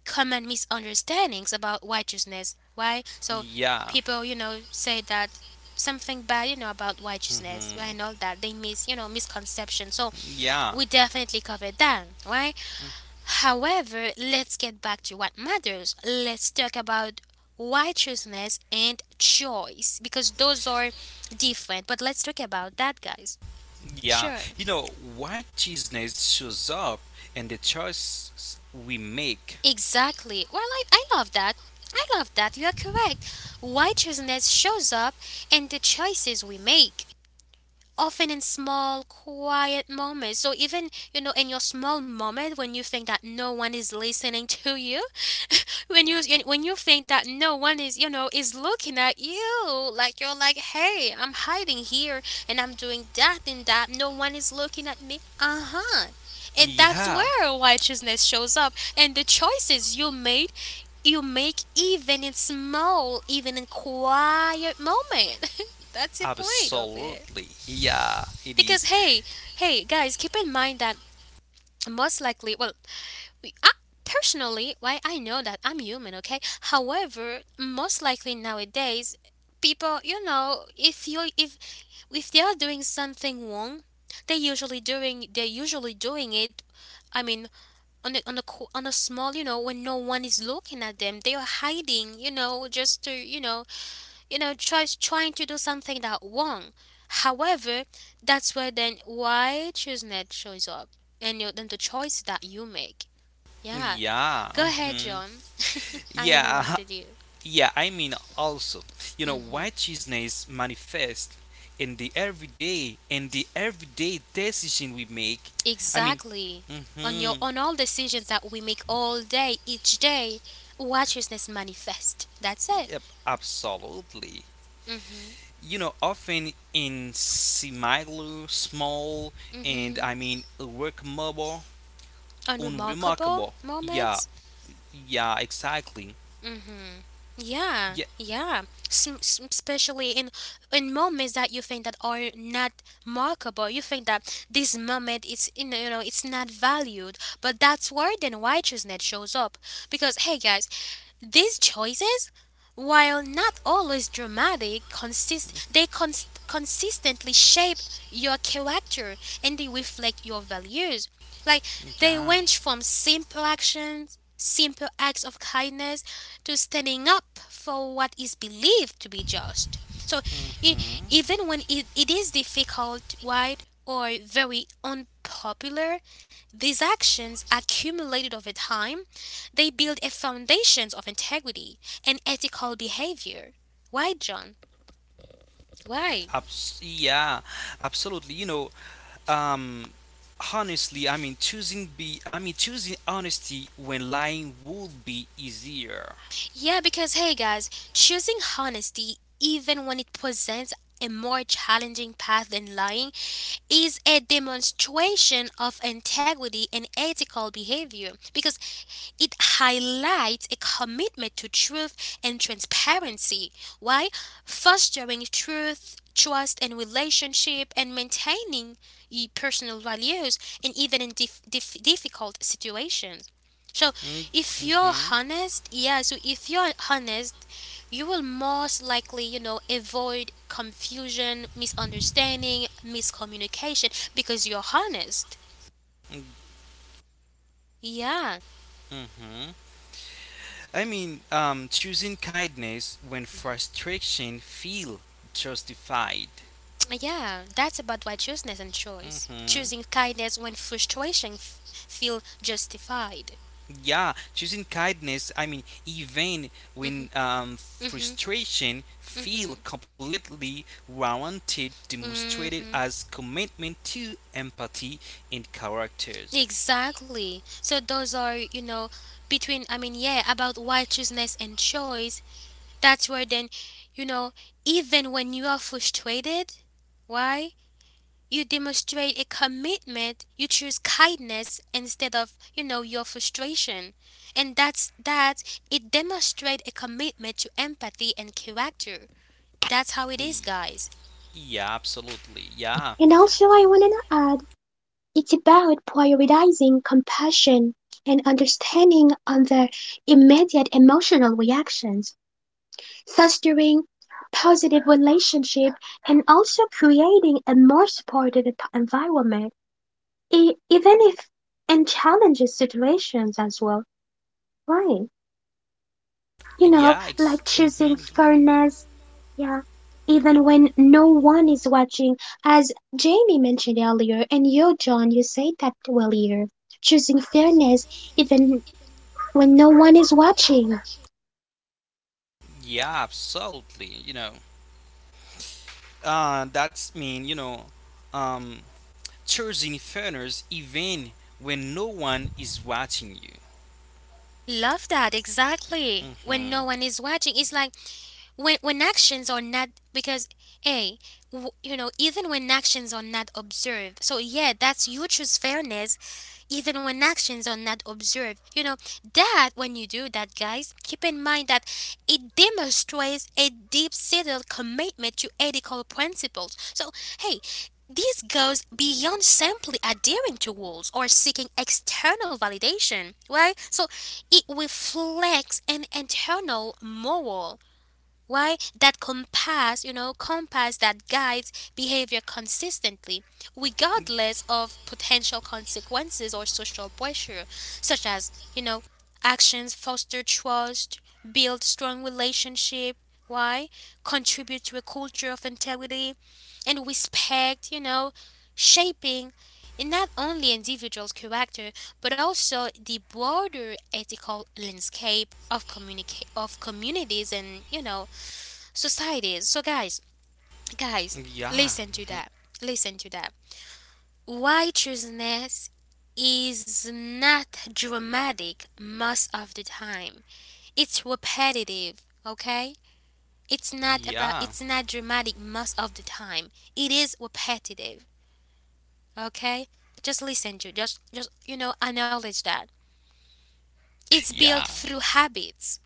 [SPEAKER 1] common misunderstandings about righteousness, why. So
[SPEAKER 2] yeah,
[SPEAKER 1] people, say that something bad, about righteousness,
[SPEAKER 2] mhm,
[SPEAKER 1] right, and all that they miss, misconception. So
[SPEAKER 2] yeah,
[SPEAKER 1] we definitely covered that, right? However, let's get back to what matters. Let's talk about righteousness and choice, because those are different, but let's talk about that, guys.
[SPEAKER 2] yeah.
[SPEAKER 1] Sure.
[SPEAKER 2] Righteousness shows up in the choices we make.
[SPEAKER 1] Exactly. Well, I love that. I love that. You are correct. Why choosing, choisiness shows up in the choices we make, often in small, quiet moments. So even, in your small moment, when you think that no one is listening to you, when you, when you think that no one is, is looking at you, like you're like, hey, I'm hiding here and I'm doing that and that no one is looking at me, uh-huh, and that's
[SPEAKER 2] Yeah,
[SPEAKER 1] where righteousness shows up, and the choices you made, you make, even in small, even in quiet moment. That's the point of it.
[SPEAKER 2] absolutely. Yeah, it
[SPEAKER 1] Because
[SPEAKER 2] is.
[SPEAKER 1] hey, hey guys, keep in mind that, most likely, well, I, personally, why, I know that I'm human, okay? However, most likely nowadays, people, if you if they are doing something wrong, they're usually doing it. I mean, on a small, when no one is looking at them, they are hiding, just to, tries trying to do something that wrong. However, that's where then, why, ChooseNet shows up, and you, then the choice that you make. Yeah.
[SPEAKER 2] Yeah,
[SPEAKER 1] Go ahead,
[SPEAKER 2] mhm.
[SPEAKER 1] John. I
[SPEAKER 2] Yeah,
[SPEAKER 1] interrupted you.
[SPEAKER 2] yeah. I mean, also,
[SPEAKER 1] Hmm.
[SPEAKER 2] righteousness manifest in the everyday, decision we make. I mean,
[SPEAKER 1] Exactly. On your,
[SPEAKER 2] hmm,
[SPEAKER 1] on all decisions that we make all day, each day, righteousness manifest. That's it.
[SPEAKER 2] yep, absolutely.
[SPEAKER 1] Mm-hmm.
[SPEAKER 2] Often in semi small and
[SPEAKER 1] Mm-hmm.
[SPEAKER 2] I mean remarkable,
[SPEAKER 1] Unremarkable
[SPEAKER 2] unremarkable. Yeah,
[SPEAKER 1] moments.
[SPEAKER 2] yeah, exactly.
[SPEAKER 1] Mm-hmm. Yeah,
[SPEAKER 2] Yeah,
[SPEAKER 1] yeah. Especially in moments that you think that are not markable, you think that this moment, it's, it's not valued, but that's where then righteousness shows up. Because hey guys, these choices, while not always dramatic, consist they consistently shape your character, and they reflect your values. Like, they
[SPEAKER 2] yeah.
[SPEAKER 1] range from simple actions, simple acts of kindness, to standing up for what is believed to be just. So e-
[SPEAKER 2] Hmm.
[SPEAKER 1] even when it is difficult, wide or very unpopular, these actions accumulated over time, they build a foundations of integrity and ethical behavior. Why, John? Why?
[SPEAKER 2] Yeah, absolutely. Um, Honestly, I mean, I mean, choosing honesty when lying would be easier.
[SPEAKER 1] Yeah, because hey guys, choosing honesty, even when it presents a more challenging path than lying, is a demonstration of integrity and ethical behavior, because it highlights a commitment to truth and transparency. Why? Fostering truth, trust, and relationship, and maintaining your personal values, and even in difficult situations. So, if you're
[SPEAKER 2] Hmm?
[SPEAKER 1] honest, yeah, so if you're honest, you will most likely, avoid confusion, misunderstanding, miscommunication because you're honest. Yeah.
[SPEAKER 2] Hmm. I mean, choosing kindness when frustration feel justified.
[SPEAKER 1] Yeah, that's about why choosness and choice.
[SPEAKER 2] Hmm.
[SPEAKER 1] Choosing kindness when frustration feel justified.
[SPEAKER 2] Yeah, choosing kindness. I mean, even
[SPEAKER 1] Mhm.
[SPEAKER 2] when
[SPEAKER 1] Mhm.
[SPEAKER 2] frustration feel
[SPEAKER 1] Mhm.
[SPEAKER 2] completely warranted, demonstrated
[SPEAKER 1] Mhm.
[SPEAKER 2] as commitment to empathy and characters.
[SPEAKER 1] Exactly. So those are, you know, between, I mean, yeah, about why choosness and choice. That's where then, you know, even when you are frustrated, why, you demonstrate a commitment, you choose kindness instead of, your frustration, and that's that. It demonstrates a commitment to empathy and character. That's how it
[SPEAKER 2] Y-
[SPEAKER 1] is, guys.
[SPEAKER 2] Yeah, absolutely. Yeah.
[SPEAKER 3] And also, I want to add, it's about prioritizing compassion and understanding on the immediate emotional reactions, fostering positive relationship, and also creating a more supportive environment, even if in challenging situations as well. Right. You know,
[SPEAKER 2] Yeah,
[SPEAKER 3] like choosing
[SPEAKER 2] hmm,
[SPEAKER 3] fairness. Yeah. Even when no one is watching, as Jamie mentioned earlier, and you, John, you said that earlier, choosing fairness even when no one is watching,
[SPEAKER 2] yeah, absolutely. That's mean. Um, choosing fairness even when no one is watching you.
[SPEAKER 1] Love that, exactly. When no
[SPEAKER 2] Hmm.
[SPEAKER 1] one is watching, it's like when, actions are not, because hey, you know, even when actions are not observed. So yeah, that's, you choose fairness, even when actions are not observed. You know that when you do that, guys, keep in mind that it demonstrates a deep-seated commitment to ethical principles. So hey. This goes beyond simply adhering to rules or seeking external validation, right? So it reflects an internal moral, why, that compass, you know, compass that guides behavior consistently, regardless of potential consequences or social pressure. Such as, you know, actions foster trust, build strong relationship. Why? Contribute to a culture of integrity and respect, shaping in not only individual's character but also the broader ethical landscape of communities and societies. So guys,
[SPEAKER 2] Yeah,
[SPEAKER 1] listen to that. Listen to that. Righteousness is not dramatic most of the time. It's repetitive, okay? It's not about
[SPEAKER 2] yeah,
[SPEAKER 1] it's not dramatic most of the time. It is repetitive, okay? Just listen to just you know acknowledge that. It's built
[SPEAKER 2] yeah,
[SPEAKER 1] through habits.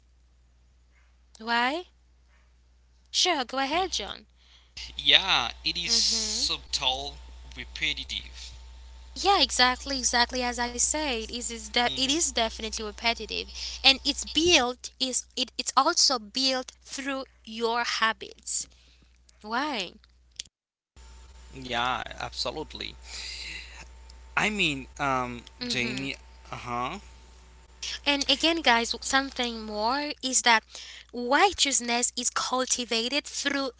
[SPEAKER 1] Why? Sure, go ahead, John.
[SPEAKER 2] yeah. It is
[SPEAKER 1] Mhm.
[SPEAKER 2] subtle, repetitive.
[SPEAKER 1] Yeah, exactly, exactly as I said, it is it
[SPEAKER 2] Hmm.
[SPEAKER 1] is definitely repetitive, and it's built, it's also built through your habits. Why?
[SPEAKER 2] Yeah, absolutely. I mean,
[SPEAKER 1] Mm-hmm.
[SPEAKER 2] Jamie. Uh huh.
[SPEAKER 1] And again, guys, something more is that righteousness is cultivated through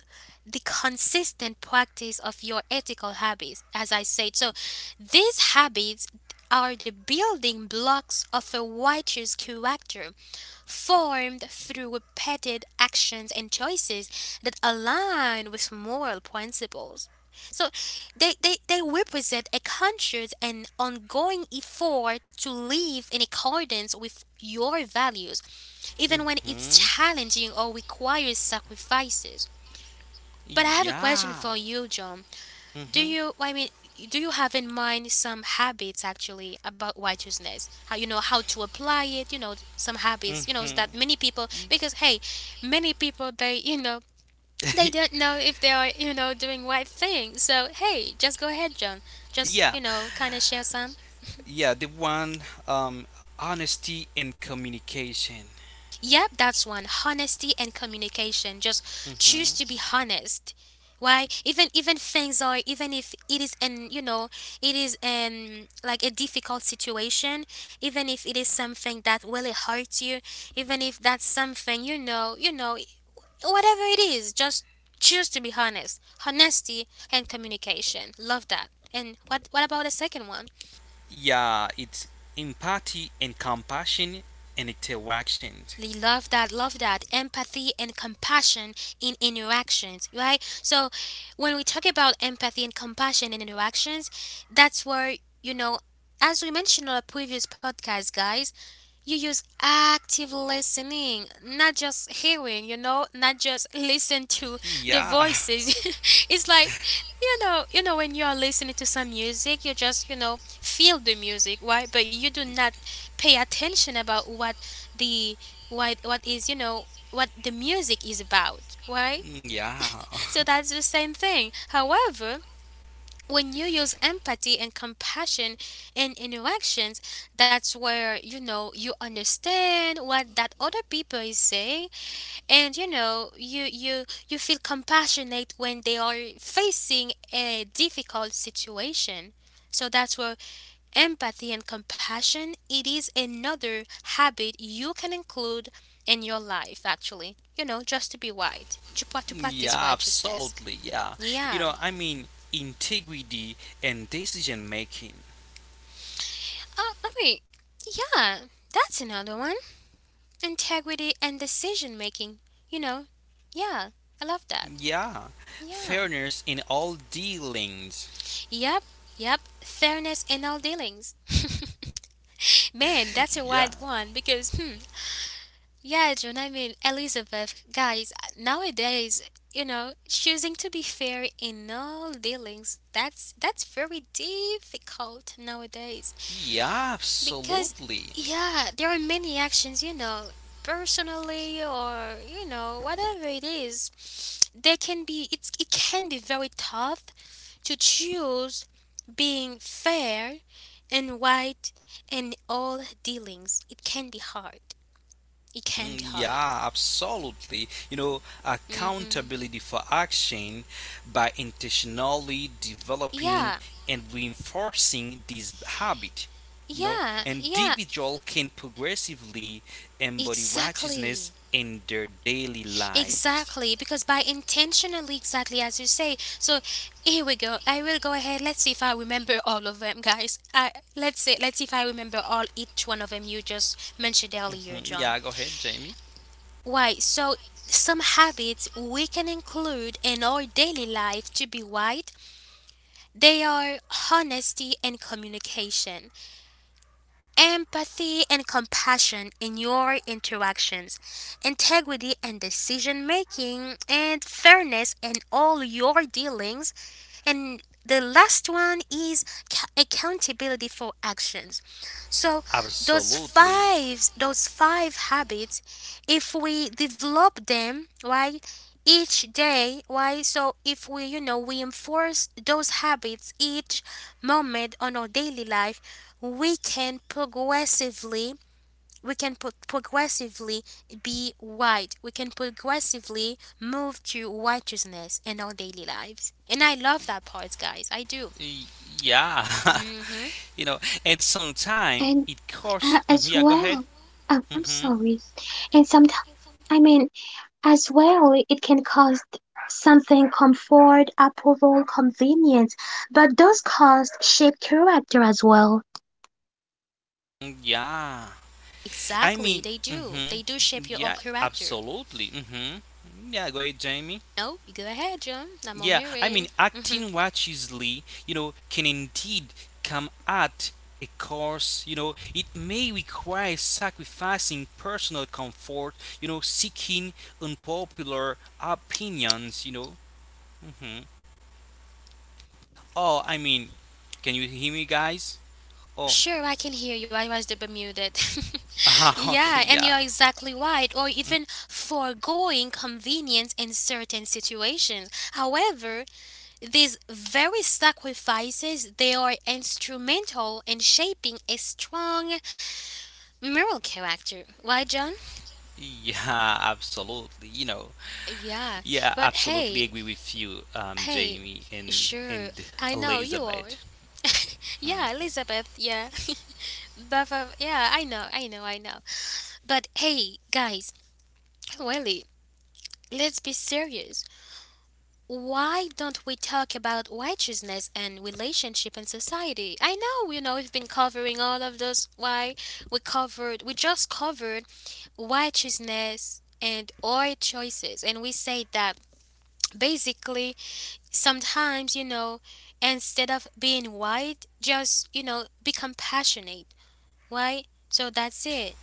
[SPEAKER 1] the consistent practice of your ethical habits, as I said. So these habits are the building blocks of a righteous character, formed through repeated actions and choices that align with moral principles. So they represent a conscious and ongoing effort to live in accordance with your values, even when it's
[SPEAKER 2] Mhm.
[SPEAKER 1] challenging or requires sacrifices. But I have a question
[SPEAKER 2] Yeah.
[SPEAKER 1] for you, John.
[SPEAKER 2] Mhm.
[SPEAKER 1] I mean, do you have in mind some habits actually about righteousness? How to apply it? Some habits,
[SPEAKER 2] Mhm.
[SPEAKER 1] that many people, because hey, many people, they don't know if they are, doing right thing. So, hey, just go ahead, John. Just,
[SPEAKER 2] Yeah.
[SPEAKER 1] you know, kind of share some.
[SPEAKER 2] Yeah. The one. Um. Honesty and communication.
[SPEAKER 1] Yep, that's one. Honesty and communication. Just choose
[SPEAKER 2] Mhm.
[SPEAKER 1] to be honest. Why? Even things are even if it is like a difficult situation. Even if it is something that really hurts you. Even if that's something, whatever it is. Just choose to be honest. Honesty and communication. Love that. And what about the second one?
[SPEAKER 2] Yeah. It's empathy and compassion and interaction.
[SPEAKER 1] Love that, love that. Empathy and compassion in interactions, right? So when we talk about empathy and compassion in interactions, that's where, you know as we mentioned on a previous podcast, guys, you use active listening, not just hearing, not just listen to the
[SPEAKER 2] Yeah.
[SPEAKER 1] voices. It's like, when you are listening to some music, you just, feel the music, right? But you do not pay attention about what the what is you know what the music is about, right?
[SPEAKER 2] Yeah.
[SPEAKER 1] So that's the same thing. However, when you use empathy and compassion in interactions, that's where, you understand what that other people is saying, and, you feel compassionate when they are facing a difficult situation. So that's where empathy and compassion, it is another habit you can include in your life, actually. Just to be white, to
[SPEAKER 2] Yeah.
[SPEAKER 1] practice righteousness.
[SPEAKER 2] Absolutely. Yeah.
[SPEAKER 1] Yeah.
[SPEAKER 2] I mean, integrity and decision making.
[SPEAKER 1] I mean, yeah, that's another one. Integrity and decision making, you know. Yeah, I love that.
[SPEAKER 2] Yeah.
[SPEAKER 1] Yeah.
[SPEAKER 2] Fairness in all dealings.
[SPEAKER 1] Yep, yep. Fairness in all dealings. Man, that's a
[SPEAKER 2] Yeah,
[SPEAKER 1] wild one because, yeah, John, I mean, Elizabeth, guys, nowadays, choosing to be fair in all dealings, that's very difficult nowadays.
[SPEAKER 2] yeah,
[SPEAKER 1] Because
[SPEAKER 2] absolutely.
[SPEAKER 1] yeah, there are many actions, personally or, whatever it is, they can be it's it can be very tough to choose being fair and white in all dealings. It can be hard. It can
[SPEAKER 2] Mm,
[SPEAKER 1] be hard.
[SPEAKER 2] yeah, absolutely. You know,
[SPEAKER 1] Mm-hmm.
[SPEAKER 2] accountability for action by intentionally developing
[SPEAKER 1] Yeah,
[SPEAKER 2] and reinforcing this habit. You know,
[SPEAKER 1] yeah, yeah.
[SPEAKER 2] individual can progressively embody
[SPEAKER 1] Exactly.
[SPEAKER 2] righteousness in their daily lives.
[SPEAKER 1] Exactly. Because by intentionally, exactly as you say. So here we go. I will go ahead. Let's see if I remember all of them, guys. I let's see. Let's see if I remember all each one of them you just mentioned earlier,
[SPEAKER 2] Mhm.
[SPEAKER 1] John.
[SPEAKER 2] Yeah, go ahead, Jamie.
[SPEAKER 1] Why? So some habits we can include in our daily life to be white. They are honesty and communication, empathy and compassion in your interactions, integrity and decision making, and fairness in all your dealings, and the last one is accountability for actions. So those
[SPEAKER 2] Absolutely.
[SPEAKER 1] five those five habits, if we develop them, right, each day, right? So if we you know we enforce those habits each moment on our daily life, we can progressively we can pro- progressively, be white. We can progressively move to righteousness in our daily lives. And I love that part, guys. I do.
[SPEAKER 2] Y- Yeah.
[SPEAKER 1] hmm
[SPEAKER 2] you know, and sometimes
[SPEAKER 3] and
[SPEAKER 2] it costs. Mhm,
[SPEAKER 3] as
[SPEAKER 2] yeah, go ahead.
[SPEAKER 3] well, oh, I'm
[SPEAKER 2] Hmm.
[SPEAKER 3] sorry, and sometimes, I mean, as well, it can cost something: comfort, approval, convenience, but those costs shape character as well.
[SPEAKER 2] Yeah. I
[SPEAKER 1] Exactly,
[SPEAKER 2] mean,
[SPEAKER 1] they do.
[SPEAKER 2] hmm,
[SPEAKER 1] They do shape your whole
[SPEAKER 2] yeah,
[SPEAKER 1] character.
[SPEAKER 2] absolutely. Hmm. Yeah, go ahead, Jamie.
[SPEAKER 1] No, you go ahead, John. I'm all
[SPEAKER 2] Yeah, I mean,
[SPEAKER 1] hearing.
[SPEAKER 2] acting righteously, can indeed come at a cost. It may require sacrificing personal comfort, seeking unpopular opinions. Hmm. Oh, I mean, can you hear me, guys? Oh,
[SPEAKER 1] Sure, I can hear you. I was the Bermudan.
[SPEAKER 2] okay,
[SPEAKER 1] Yeah, and
[SPEAKER 2] yeah.
[SPEAKER 1] you're exactly right. Or even foregoing convenience in certain situations. However, these very sacrifices, they are instrumental in shaping a strong moral character. Why, John?
[SPEAKER 2] Yeah, absolutely.
[SPEAKER 1] Yeah,
[SPEAKER 2] Yeah,
[SPEAKER 1] but
[SPEAKER 2] absolutely
[SPEAKER 1] hey,
[SPEAKER 2] agree with you,
[SPEAKER 1] hey,
[SPEAKER 2] Jamie and
[SPEAKER 1] sure, I know you are.
[SPEAKER 2] Elizabeth.
[SPEAKER 1] Yeah, Elizabeth, yeah. But, yeah, I know, I know, I know. But hey, guys, really, let's be serious. Why don't we talk about righteousness and relationship in society? I know, we've been covering all of those. Why, we just covered righteousness and our choices, and we say that basically sometimes, instead of being white, just become passionate. Why? So that's it.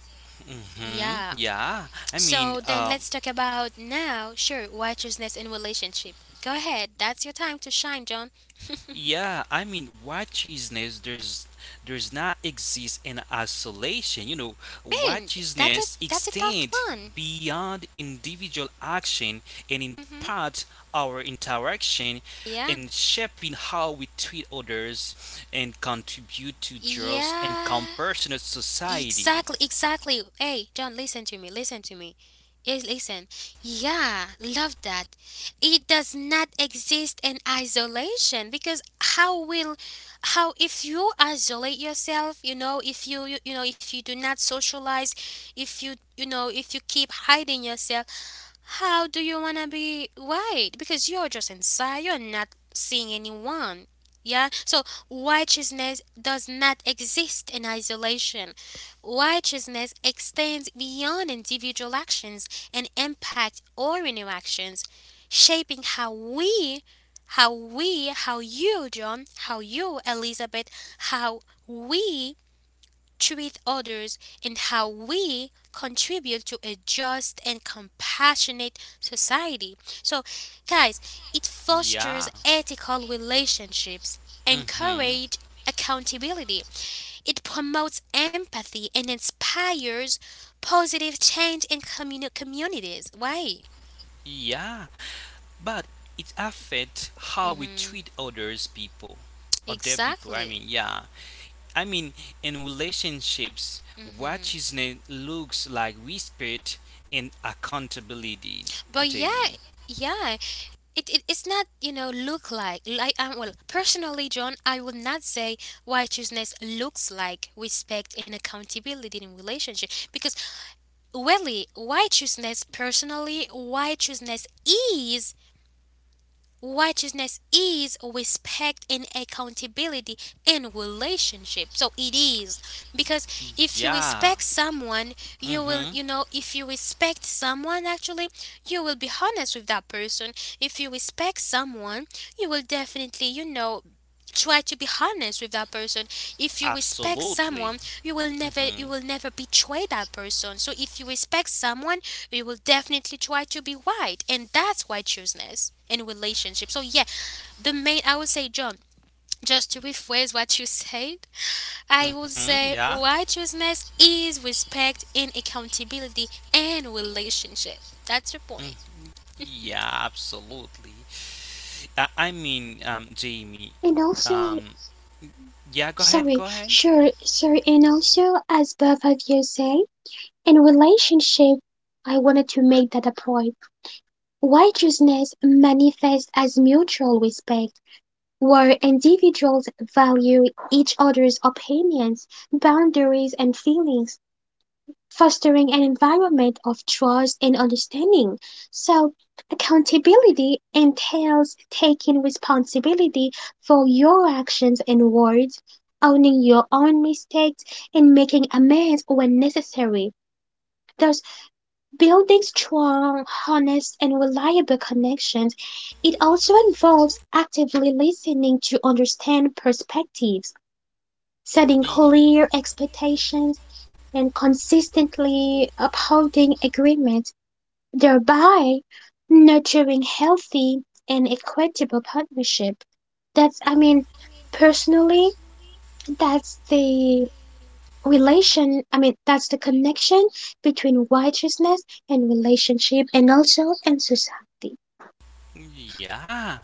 [SPEAKER 2] Hmm.
[SPEAKER 1] Yeah. So then let's talk about now, sure, righteousness in relationship. Go ahead, that's your time to shine, John.
[SPEAKER 2] Yeah, I mean, righteousness there's not exist in isolation. You know,
[SPEAKER 1] Man, that's a
[SPEAKER 2] righteousness
[SPEAKER 1] tough
[SPEAKER 2] extend
[SPEAKER 1] one.
[SPEAKER 2] beyond individual action and
[SPEAKER 1] hmm
[SPEAKER 2] impart our interaction
[SPEAKER 1] Yeah,
[SPEAKER 2] and shaping how we treat others and contribute to just and
[SPEAKER 1] yeah.
[SPEAKER 2] compassionate society.
[SPEAKER 1] Exactly, exactly. Hey, John, listen to me, listen to me. Yes, listen. Yeah, love that. It does not exist in isolation because how, if you isolate yourself, if you you, you know, if you do not socialize, if you if you keep hiding yourself, how do you wanna be white? Because you're just inside, you're not seeing anyone. Yeah? So righteousness does not exist in isolation. Righteousness extends beyond individual actions and impact all interactions, shaping how you, John, how you, Elizabeth, how we treat others, and how we contribute to a just and compassionate society. So, guys, it fosters
[SPEAKER 2] Yeah.
[SPEAKER 1] ethical relationships,
[SPEAKER 2] Mhm.
[SPEAKER 1] encourage accountability, it promotes empathy, and inspires positive change in communities. Why?
[SPEAKER 2] Yeah, but it affects how we
[SPEAKER 1] hmm
[SPEAKER 2] treat others people. Other people, I mean,
[SPEAKER 1] Exactly.
[SPEAKER 2] yeah. I mean, in relationships, righteousness looks like respect and accountability,
[SPEAKER 1] But yeah,
[SPEAKER 2] Jamie.
[SPEAKER 1] yeah. It's not, look, well, personally, John, I would not say righteousness looks like respect and accountability in relationship, because, really, righteousness is respect and accountability and relationship. So it is, because if you
[SPEAKER 2] Yeah.
[SPEAKER 1] respect someone, you will,
[SPEAKER 2] Mhm.
[SPEAKER 1] you know, if you respect someone, actually, you will be honest with that person. If you respect someone, you will definitely, try to be honest with that person. If you respect
[SPEAKER 2] Absolutely.
[SPEAKER 1] someone, you will never you
[SPEAKER 2] Mhm.
[SPEAKER 1] will never betray that person. So if you respect someone, you will definitely try to be right, and that's righteousness in relationship. So yeah, the main, I would say, John, just to rephrase what you said, I would
[SPEAKER 2] Mhm.
[SPEAKER 1] say
[SPEAKER 2] Yeah.
[SPEAKER 1] righteousness is respect and accountability and relationship. That's the
[SPEAKER 2] Mhm.
[SPEAKER 1] point.
[SPEAKER 2] Yeah, absolutely. I mean, Jamie.
[SPEAKER 3] And also,
[SPEAKER 2] Um, yeah, go ahead, go
[SPEAKER 3] sorry,
[SPEAKER 2] ahead.
[SPEAKER 3] sure, sir. And also, as both of you say, in relationship, I wanted to make that a point. Righteousness manifests as mutual respect, where individuals value each other's opinions, boundaries, and feelings, fostering an environment of trust and understanding. So, accountability entails taking responsibility for your actions and words, owning your own mistakes, and making amends when necessary, thus building strong, honest, and reliable connections. It also involves actively listening to understand perspectives, setting
[SPEAKER 2] Y-
[SPEAKER 3] clear expectations, and consistently upholding agreements, thereby nurturing healthy and equitable partnership. That's, I mean, personally, that's the relation, I mean, that's the connection between righteousness and relationship and also in society.
[SPEAKER 2] Yeah,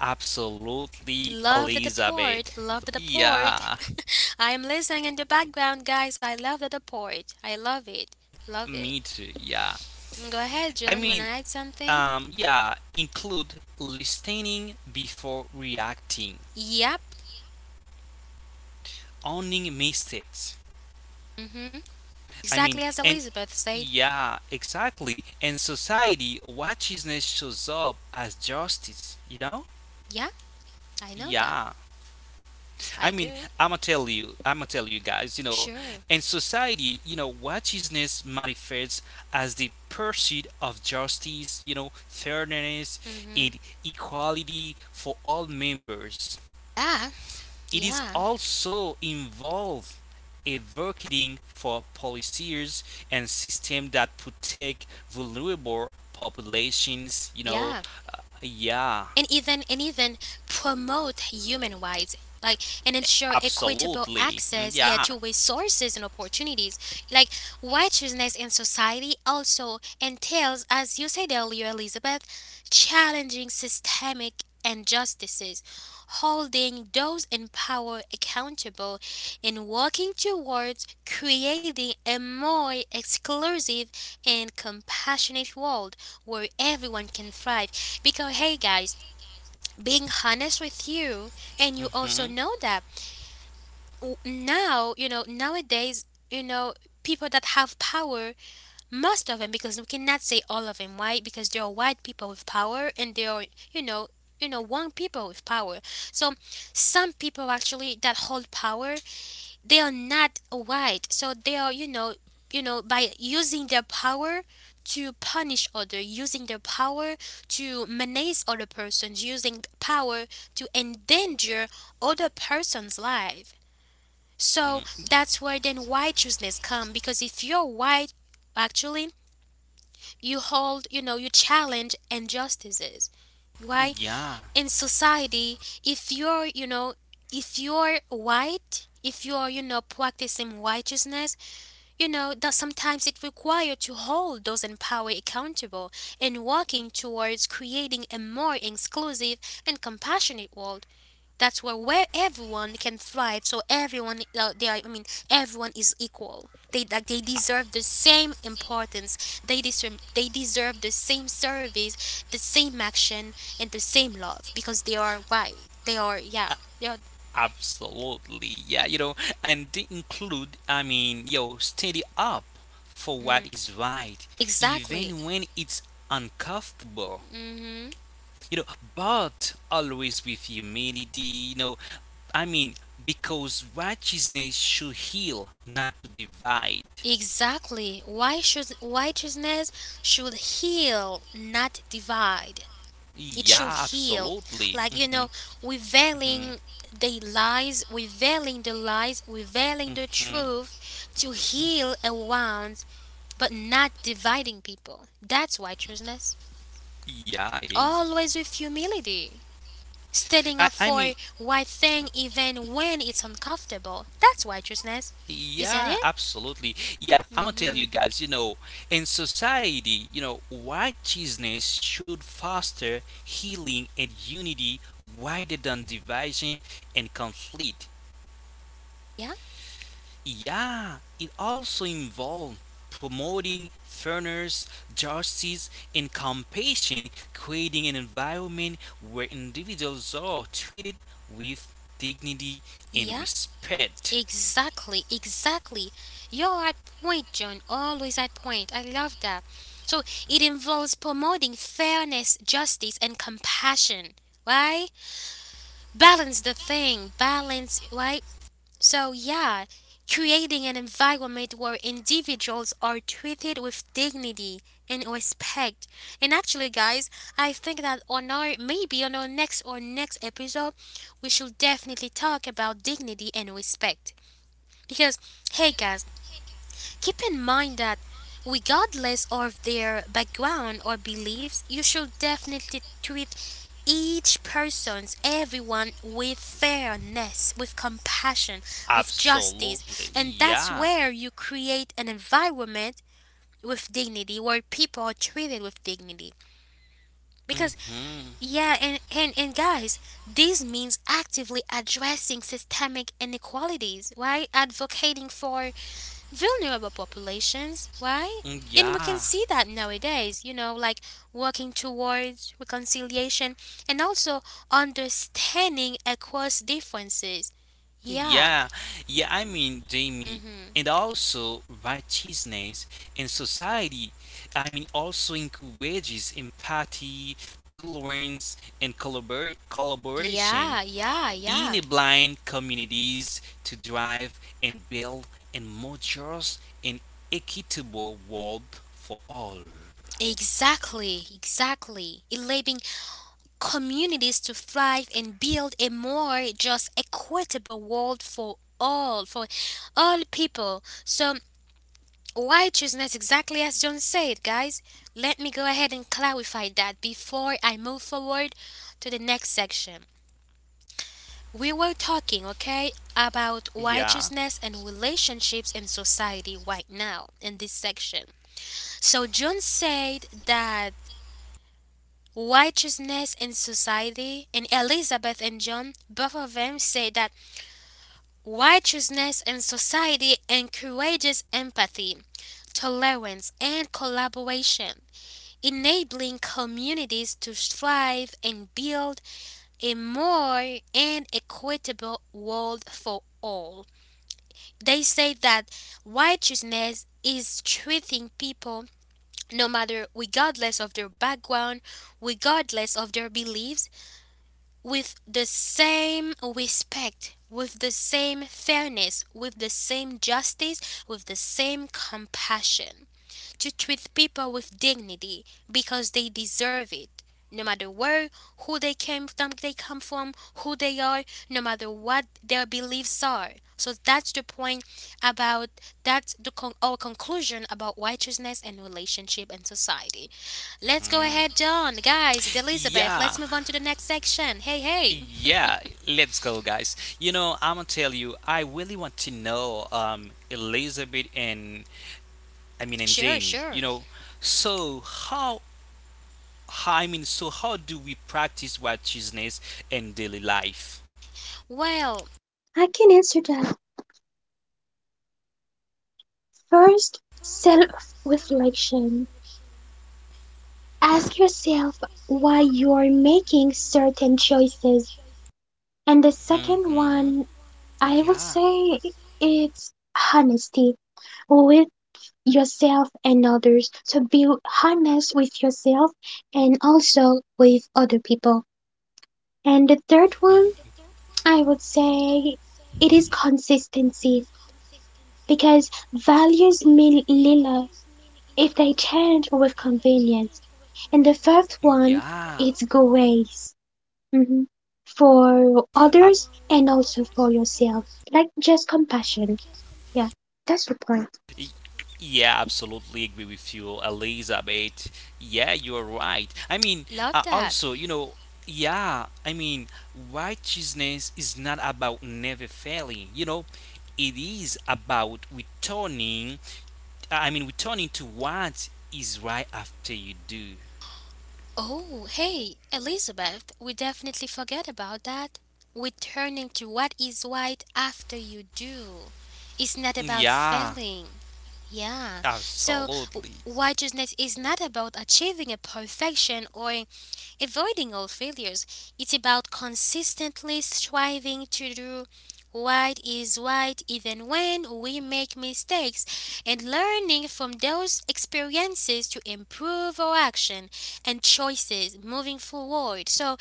[SPEAKER 2] absolutely,
[SPEAKER 1] Love the deport,
[SPEAKER 2] Elizabeth.
[SPEAKER 1] love the deport.
[SPEAKER 2] Yeah,
[SPEAKER 1] I am listening in the background, guys. I love the deport. I love it, love it.
[SPEAKER 2] me too. Yeah,
[SPEAKER 1] Go ahead, John.
[SPEAKER 2] I
[SPEAKER 1] You want to
[SPEAKER 2] mean,
[SPEAKER 1] add something?
[SPEAKER 2] yeah, include listening before reacting,
[SPEAKER 1] Yep.
[SPEAKER 2] owning mistakes.
[SPEAKER 1] Mm-hmm.
[SPEAKER 2] I
[SPEAKER 1] Exactly
[SPEAKER 2] mean,
[SPEAKER 1] as Elizabeth said.
[SPEAKER 2] yeah, exactly. And society righteousness shows up as justice, you know?
[SPEAKER 1] Yeah, I know that.
[SPEAKER 2] Yeah. I
[SPEAKER 1] I
[SPEAKER 2] mean,
[SPEAKER 1] do.
[SPEAKER 2] I'ma tell you guys, you know,
[SPEAKER 1] Sure.
[SPEAKER 2] in society, you know, righteousness manifests as the pursuit of justice, you know, fairness
[SPEAKER 1] Mm-hmm.
[SPEAKER 2] and equality for all members.
[SPEAKER 1] Yeah,
[SPEAKER 2] It is
[SPEAKER 1] yeah,
[SPEAKER 2] also involved advocating for policies and systems that protect vulnerable populations.
[SPEAKER 1] yeah.
[SPEAKER 2] Yeah,
[SPEAKER 1] And even promote human rights, like and ensure equitable
[SPEAKER 2] absolutely, mm,
[SPEAKER 1] access, yeah,
[SPEAKER 2] yeah,
[SPEAKER 1] to resources and opportunities. Like, righteousness in society also entails, as you said earlier, Elizabeth, challenging systemic injustices, holding those in power accountable, and working towards creating a more exclusive and compassionate world where everyone can thrive. Because, hey, guys, being honest with you, and you also
[SPEAKER 2] hmm,
[SPEAKER 1] know that, nowadays, people that have power, most of them, because we cannot say all of them. Why? Because there are white people with power, and there are, you know one people with power. So some people actually that hold power, they are not white. So they are, by using their power to punish other, using their power to menace other persons, using power to endanger other person's life. So that's where, then, righteousness come, because if you're white, actually, you hold you know you challenge injustices. Why?
[SPEAKER 2] yeah.
[SPEAKER 1] In society, if you're you know if you're white, if you're, practicing righteousness, that sometimes it requires to hold those in power accountable and working towards creating a more inclusive and compassionate world. That's where everyone can thrive, so everyone, I mean, everyone is equal. They, like, they deserve the same importance. They deserve the same service, the same action, and the same love, because they are white. They are, yeah. They are,
[SPEAKER 2] Absolutely, yeah, you know, and they include, I mean, yo, steady up for what
[SPEAKER 1] mhm.
[SPEAKER 2] is right,
[SPEAKER 1] Exactly.
[SPEAKER 2] even when it's uncomfortable,
[SPEAKER 1] Mhm.
[SPEAKER 2] you know, but always with humility, you know, I mean, because righteousness should heal, not to divide.
[SPEAKER 1] Exactly. Why should righteousness should heal, not divide. It
[SPEAKER 2] Yeah,
[SPEAKER 1] should heal.
[SPEAKER 2] absolutely.
[SPEAKER 1] Like,
[SPEAKER 2] Hmm. Hmm.
[SPEAKER 1] revealing the lies, revealing the lies, revealing the
[SPEAKER 2] Hmm.
[SPEAKER 1] truth to heal around, but not dividing people. That's righteousness.
[SPEAKER 2] Yeah, it is.
[SPEAKER 1] Always with humility. Standing
[SPEAKER 2] I,
[SPEAKER 1] up
[SPEAKER 2] I mean,
[SPEAKER 1] for right thing, even when it's uncomfortable. That's righteousness. Isn't
[SPEAKER 2] yeah,
[SPEAKER 1] it?
[SPEAKER 2] absolutely. Yeah, I'm gonna tell you
[SPEAKER 1] Mm-hmm.
[SPEAKER 2] guys, you know, in society, you know, righteousness should foster healing and unity rather than division and conflict.
[SPEAKER 1] Yeah.
[SPEAKER 2] Yeah, it also involved promoting fairness, justice, and compassion, creating an environment where individuals are treated with dignity and
[SPEAKER 1] Yeah.
[SPEAKER 2] respect.
[SPEAKER 1] Exactly, exactly. You're at point, John. Always at point. I love that. So it involves promoting fairness, justice, and compassion. Right? Balance the thing. Balance, right? So, yeah, creating an environment where individuals are treated with dignity and respect. And actually, guys, I think that on our maybe on our next or next episode, we should definitely talk about dignity and respect. Because, hey guys, keep in mind that regardless of their background or beliefs, you should definitely treat each person's everyone with fairness, with compassion, with
[SPEAKER 2] Absolutely,
[SPEAKER 1] justice. And that's
[SPEAKER 2] yeah.
[SPEAKER 1] where you create an environment with dignity where people are treated with dignity. Because
[SPEAKER 2] Mhm.
[SPEAKER 1] yeah, and guys, this means actively addressing systemic inequalities, right? Advocating for vulnerable populations. Why?
[SPEAKER 2] Mm,
[SPEAKER 1] And we
[SPEAKER 2] yeah.
[SPEAKER 1] can see that nowadays, you know, like working towards reconciliation and also understanding across differences. Yeah.
[SPEAKER 2] Yeah. Yeah, I mean, Jamie,
[SPEAKER 1] Mm-hmm.
[SPEAKER 2] and also righteousness and society. I mean, also encourages empathy, tolerance, and collaboration
[SPEAKER 1] Yeah, yeah,
[SPEAKER 2] in a
[SPEAKER 1] yeah.
[SPEAKER 2] blind communities to drive and build a more just and equitable world for all.
[SPEAKER 1] Exactly, exactly. Enabling communities to thrive and build a more just equitable world for all people. So why chosen is exactly as John said, guys. Let me go ahead and clarify that before I move forward to the next section. We were talking, okay, about
[SPEAKER 2] Yeah.
[SPEAKER 1] righteousness and relationships in society right now in this section. So John said that righteousness in society, and Elizabeth and John, both of them said that righteousness in society encourages empathy, tolerance, and collaboration, enabling communities to thrive and build a more and equitable world for all. They say that righteousness is treating people no matter regardless of their background, regardless of their beliefs, with the same respect, with the same fairness, with the same justice, with the same compassion to treat people with dignity because they deserve it. No matter where, who they came from, they come from, who they are, no matter what their beliefs are. So that's the point about our conclusion about righteousness and relationship and society. Let's go ahead, John, guys, and Elizabeth.
[SPEAKER 2] Yeah.
[SPEAKER 1] Let's move on to the next section. Hey, hey.
[SPEAKER 2] Yeah, let's go, guys. I'm gonna tell you, I really want to know Elizabeth and I mean and
[SPEAKER 1] Sure,
[SPEAKER 2] Jamie. You
[SPEAKER 1] sure.
[SPEAKER 2] know, so how so how do we practice righteousness in daily life?
[SPEAKER 1] Well,
[SPEAKER 3] I can answer that. First, self reflection. Ask yourself why you're making certain choices. And the second
[SPEAKER 2] Mm-hmm.
[SPEAKER 3] one, I would
[SPEAKER 2] Yeah.
[SPEAKER 3] say it's honesty with yourself and others. So be honest with yourself and also with other people. And the
[SPEAKER 2] Mhm.
[SPEAKER 3] third one, I would say it is consistency, because values mean little if they change with convenience. And the fourth
[SPEAKER 2] Yeah.
[SPEAKER 3] one, it's grace, mhm, for
[SPEAKER 2] Abs-
[SPEAKER 3] others and also for yourself, like just compassion. Yeah, that's the point.
[SPEAKER 2] Yeah, absolutely agree with you, Elizabeth. Yeah, you're right. I mean,
[SPEAKER 1] love that.
[SPEAKER 2] also, you know, yeah, I mean, righteousness is not about never failing, you know, it is about returning, I mean, returning to what is right after you do.
[SPEAKER 1] Oh, hey, Elizabeth, we definitely forget about that. We're turning to what is right after you do. It's not about
[SPEAKER 2] Yeah,
[SPEAKER 1] failing. Yeah. So,
[SPEAKER 2] absolutely.
[SPEAKER 1] righteousness is not about achieving a perfection or avoiding all failures, it's about consistently striving to do what is right even when we make mistakes and learning from those experiences to improve our action and choices moving forward. So,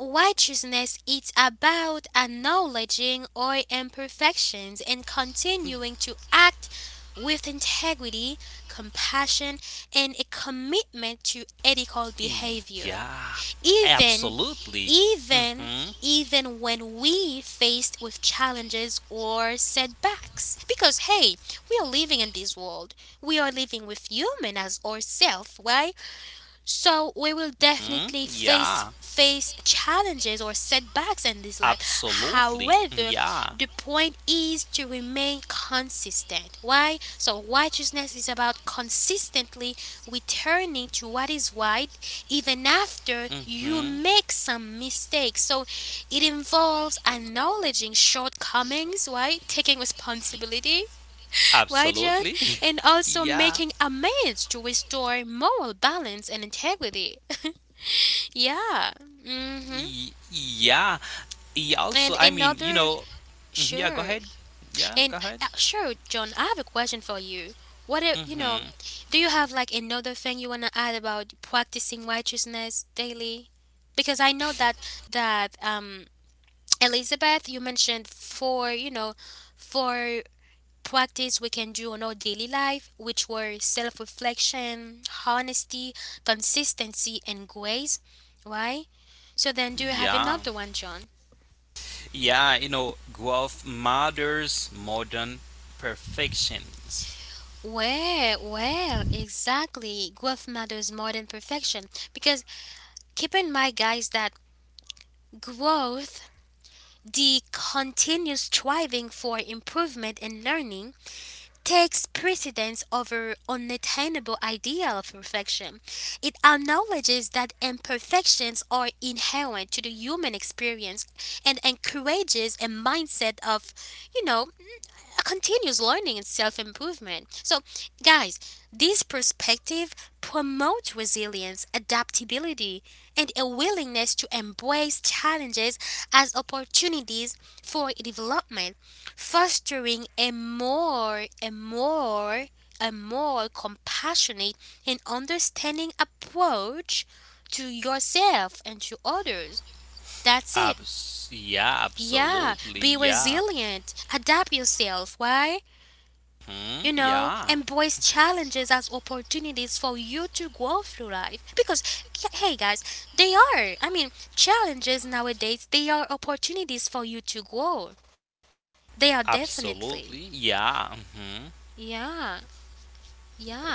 [SPEAKER 1] righteousness is about acknowledging our imperfections and continuing to act with integrity, compassion, and a commitment to ethical behavior
[SPEAKER 2] Yeah,
[SPEAKER 1] even
[SPEAKER 2] absolutely.
[SPEAKER 1] even
[SPEAKER 2] Hmm.
[SPEAKER 1] even when we faced with challenges or setbacks, because hey, we are living in this world, we are living with human as ourselves, right? So we will
[SPEAKER 2] Hmm.
[SPEAKER 1] definitely
[SPEAKER 2] Yeah,
[SPEAKER 1] face challenges or setbacks in this life.
[SPEAKER 2] absolutely.
[SPEAKER 1] However,
[SPEAKER 2] Yeah.
[SPEAKER 1] the point is to remain consistent. Why? So righteousness is about consistently returning to what is right even after
[SPEAKER 2] Hmm.
[SPEAKER 1] you make some mistakes. So it involves acknowledging shortcomings, right? Taking responsibility why, John?
[SPEAKER 2] Absolutely.
[SPEAKER 1] And also
[SPEAKER 2] Yeah.
[SPEAKER 1] making amends to restore moral balance and integrity. Yeah. Hmm.
[SPEAKER 2] Yeah. Yeah, also,
[SPEAKER 1] And
[SPEAKER 2] I mean, you
[SPEAKER 1] another,
[SPEAKER 2] know, mhm, yeah, go
[SPEAKER 1] sure.
[SPEAKER 2] ahead. Yeah, go
[SPEAKER 1] And
[SPEAKER 2] ahead.
[SPEAKER 1] sure, John, I have a question for you. What if, you know,
[SPEAKER 2] Hmm.
[SPEAKER 1] do you have like another thing you want to add about practicing righteousness daily? Because I know that, that, um, Elizabeth, you mentioned four, you know, four practice we can do on our daily life, which were self reflection, honesty, consistency, and grace, right? So then, do you have
[SPEAKER 2] Yeah.
[SPEAKER 1] another one, John?
[SPEAKER 2] Yeah, you know, growth matters more than perfections.
[SPEAKER 1] Well, well, exactly. Growth matters more than perfection because keep in mind, guys, that growth, the continuous striving for improvement and learning, takes precedence over unattainable ideal of perfection. It acknowledges that imperfections are inherent to the human experience and encourages a mindset of, you know, a continuous learning and self improvement. So, guys, this perspective promotes resilience, adaptability, and a willingness to embrace challenges as opportunities for development, fostering a more compassionate and understanding approach to yourself and to others. That's it.
[SPEAKER 2] Yeah,
[SPEAKER 1] Yeah,
[SPEAKER 2] absolutely.
[SPEAKER 1] be
[SPEAKER 2] Yeah.
[SPEAKER 1] resilient, adapt yourself. Why?
[SPEAKER 2] Hmm.
[SPEAKER 1] You know,
[SPEAKER 2] Yeah.
[SPEAKER 1] embrace challenges as opportunities for you to grow through life. Because, hey guys, they are. I mean, challenges nowadays, they are opportunities for you to grow. They are definitely.
[SPEAKER 2] Absolutely. Yeah. Mm-hmm.
[SPEAKER 1] Yeah, yeah.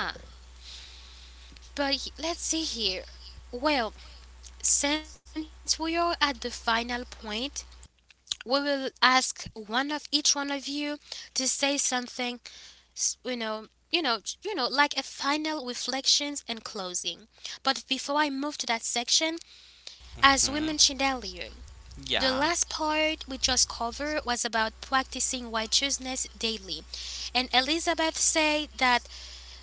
[SPEAKER 1] But let's see here. Well, since we are at the final point, we will ask one of each one of you to say something, s- you know like a final reflections and closing. But before I move to that section, as we
[SPEAKER 2] Hmm.
[SPEAKER 1] mentioned earlier, the
[SPEAKER 2] Yeah,
[SPEAKER 1] last part we just covered was about practicing righteousness daily, and Elizabeth said that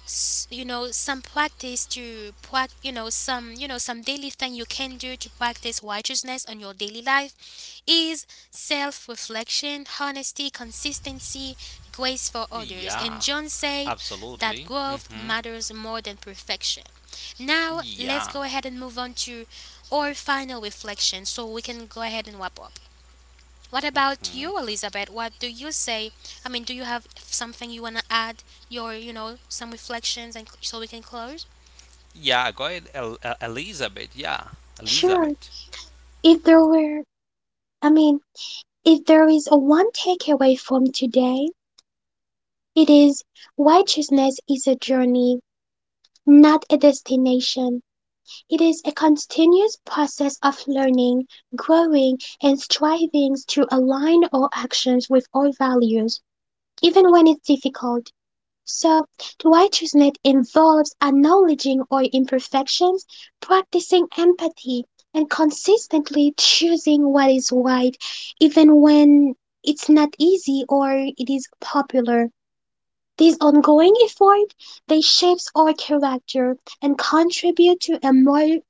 [SPEAKER 1] you know, some you know, some daily thing you can do to practice righteousness on your daily life is self reflection, honesty, consistency, grace for others.
[SPEAKER 2] yeah,
[SPEAKER 1] And John said
[SPEAKER 2] absolutely.
[SPEAKER 1] that growth
[SPEAKER 2] Hmm.
[SPEAKER 1] matters more than perfection. Now,
[SPEAKER 2] Yeah,
[SPEAKER 1] let's go ahead and move on to our final reflection so we can go ahead and wrap up. What about
[SPEAKER 2] mhm.
[SPEAKER 1] you, Elizabeth? What do you say? I mean, do you have something you want to add? Your, you know, some reflections and so we can close?
[SPEAKER 2] Yeah. Go ahead, Elizabeth. Yeah,
[SPEAKER 3] Sure,
[SPEAKER 2] Elizabeth.
[SPEAKER 3] if there were, I mean, if there is a one takeaway from today, it is righteousness is a journey, not a destination. It is a continuous process of learning, growing, and striving to align our actions with our values, even when it's difficult. So, the righteousness involves acknowledging our imperfections, practicing empathy, and consistently choosing what is right, even when it's not easy or it is popular. This ongoing effort, they shapes our character and contribute to a more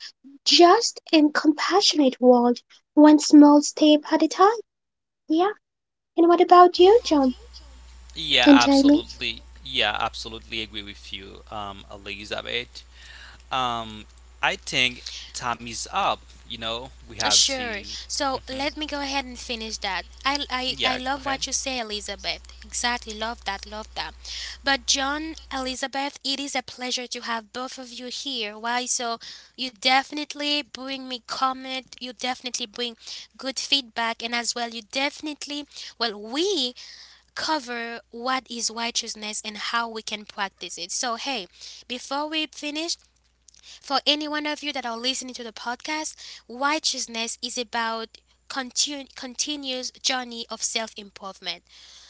[SPEAKER 3] just and compassionate world, one small step at a time. Yeah. And what about you, John
[SPEAKER 2] Yeah,
[SPEAKER 3] and Jamie?
[SPEAKER 2] absolutely. Yeah, absolutely agree with you, Elizabeth. Um, I think time is up. You know, we have to.
[SPEAKER 1] Sure. So
[SPEAKER 2] Hmm.
[SPEAKER 1] let me go ahead and finish that. I
[SPEAKER 2] Yeah, go
[SPEAKER 1] love
[SPEAKER 2] ahead.
[SPEAKER 1] what you say, Elizabeth. Exactly. Love that. Love that. But, John, Elizabeth, it is a pleasure to have both of you here. Why? So, you definitely bring me comment. You definitely bring good feedback. And as well, you definitely, well, we cover what is righteousness and how we can practice it. So, hey, before we finish, for any one of you that are listening to the podcast, righteousness is about continuous journey of self-improvement.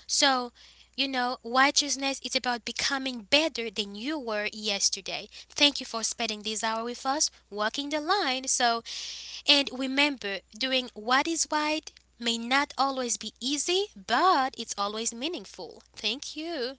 [SPEAKER 1] So, you know, righteousness is about becoming better than you were yesterday. Thank you for spending this hour with us, walking the line. So, and remember, doing what is right may not always be easy, but it's always meaningful. Thank you.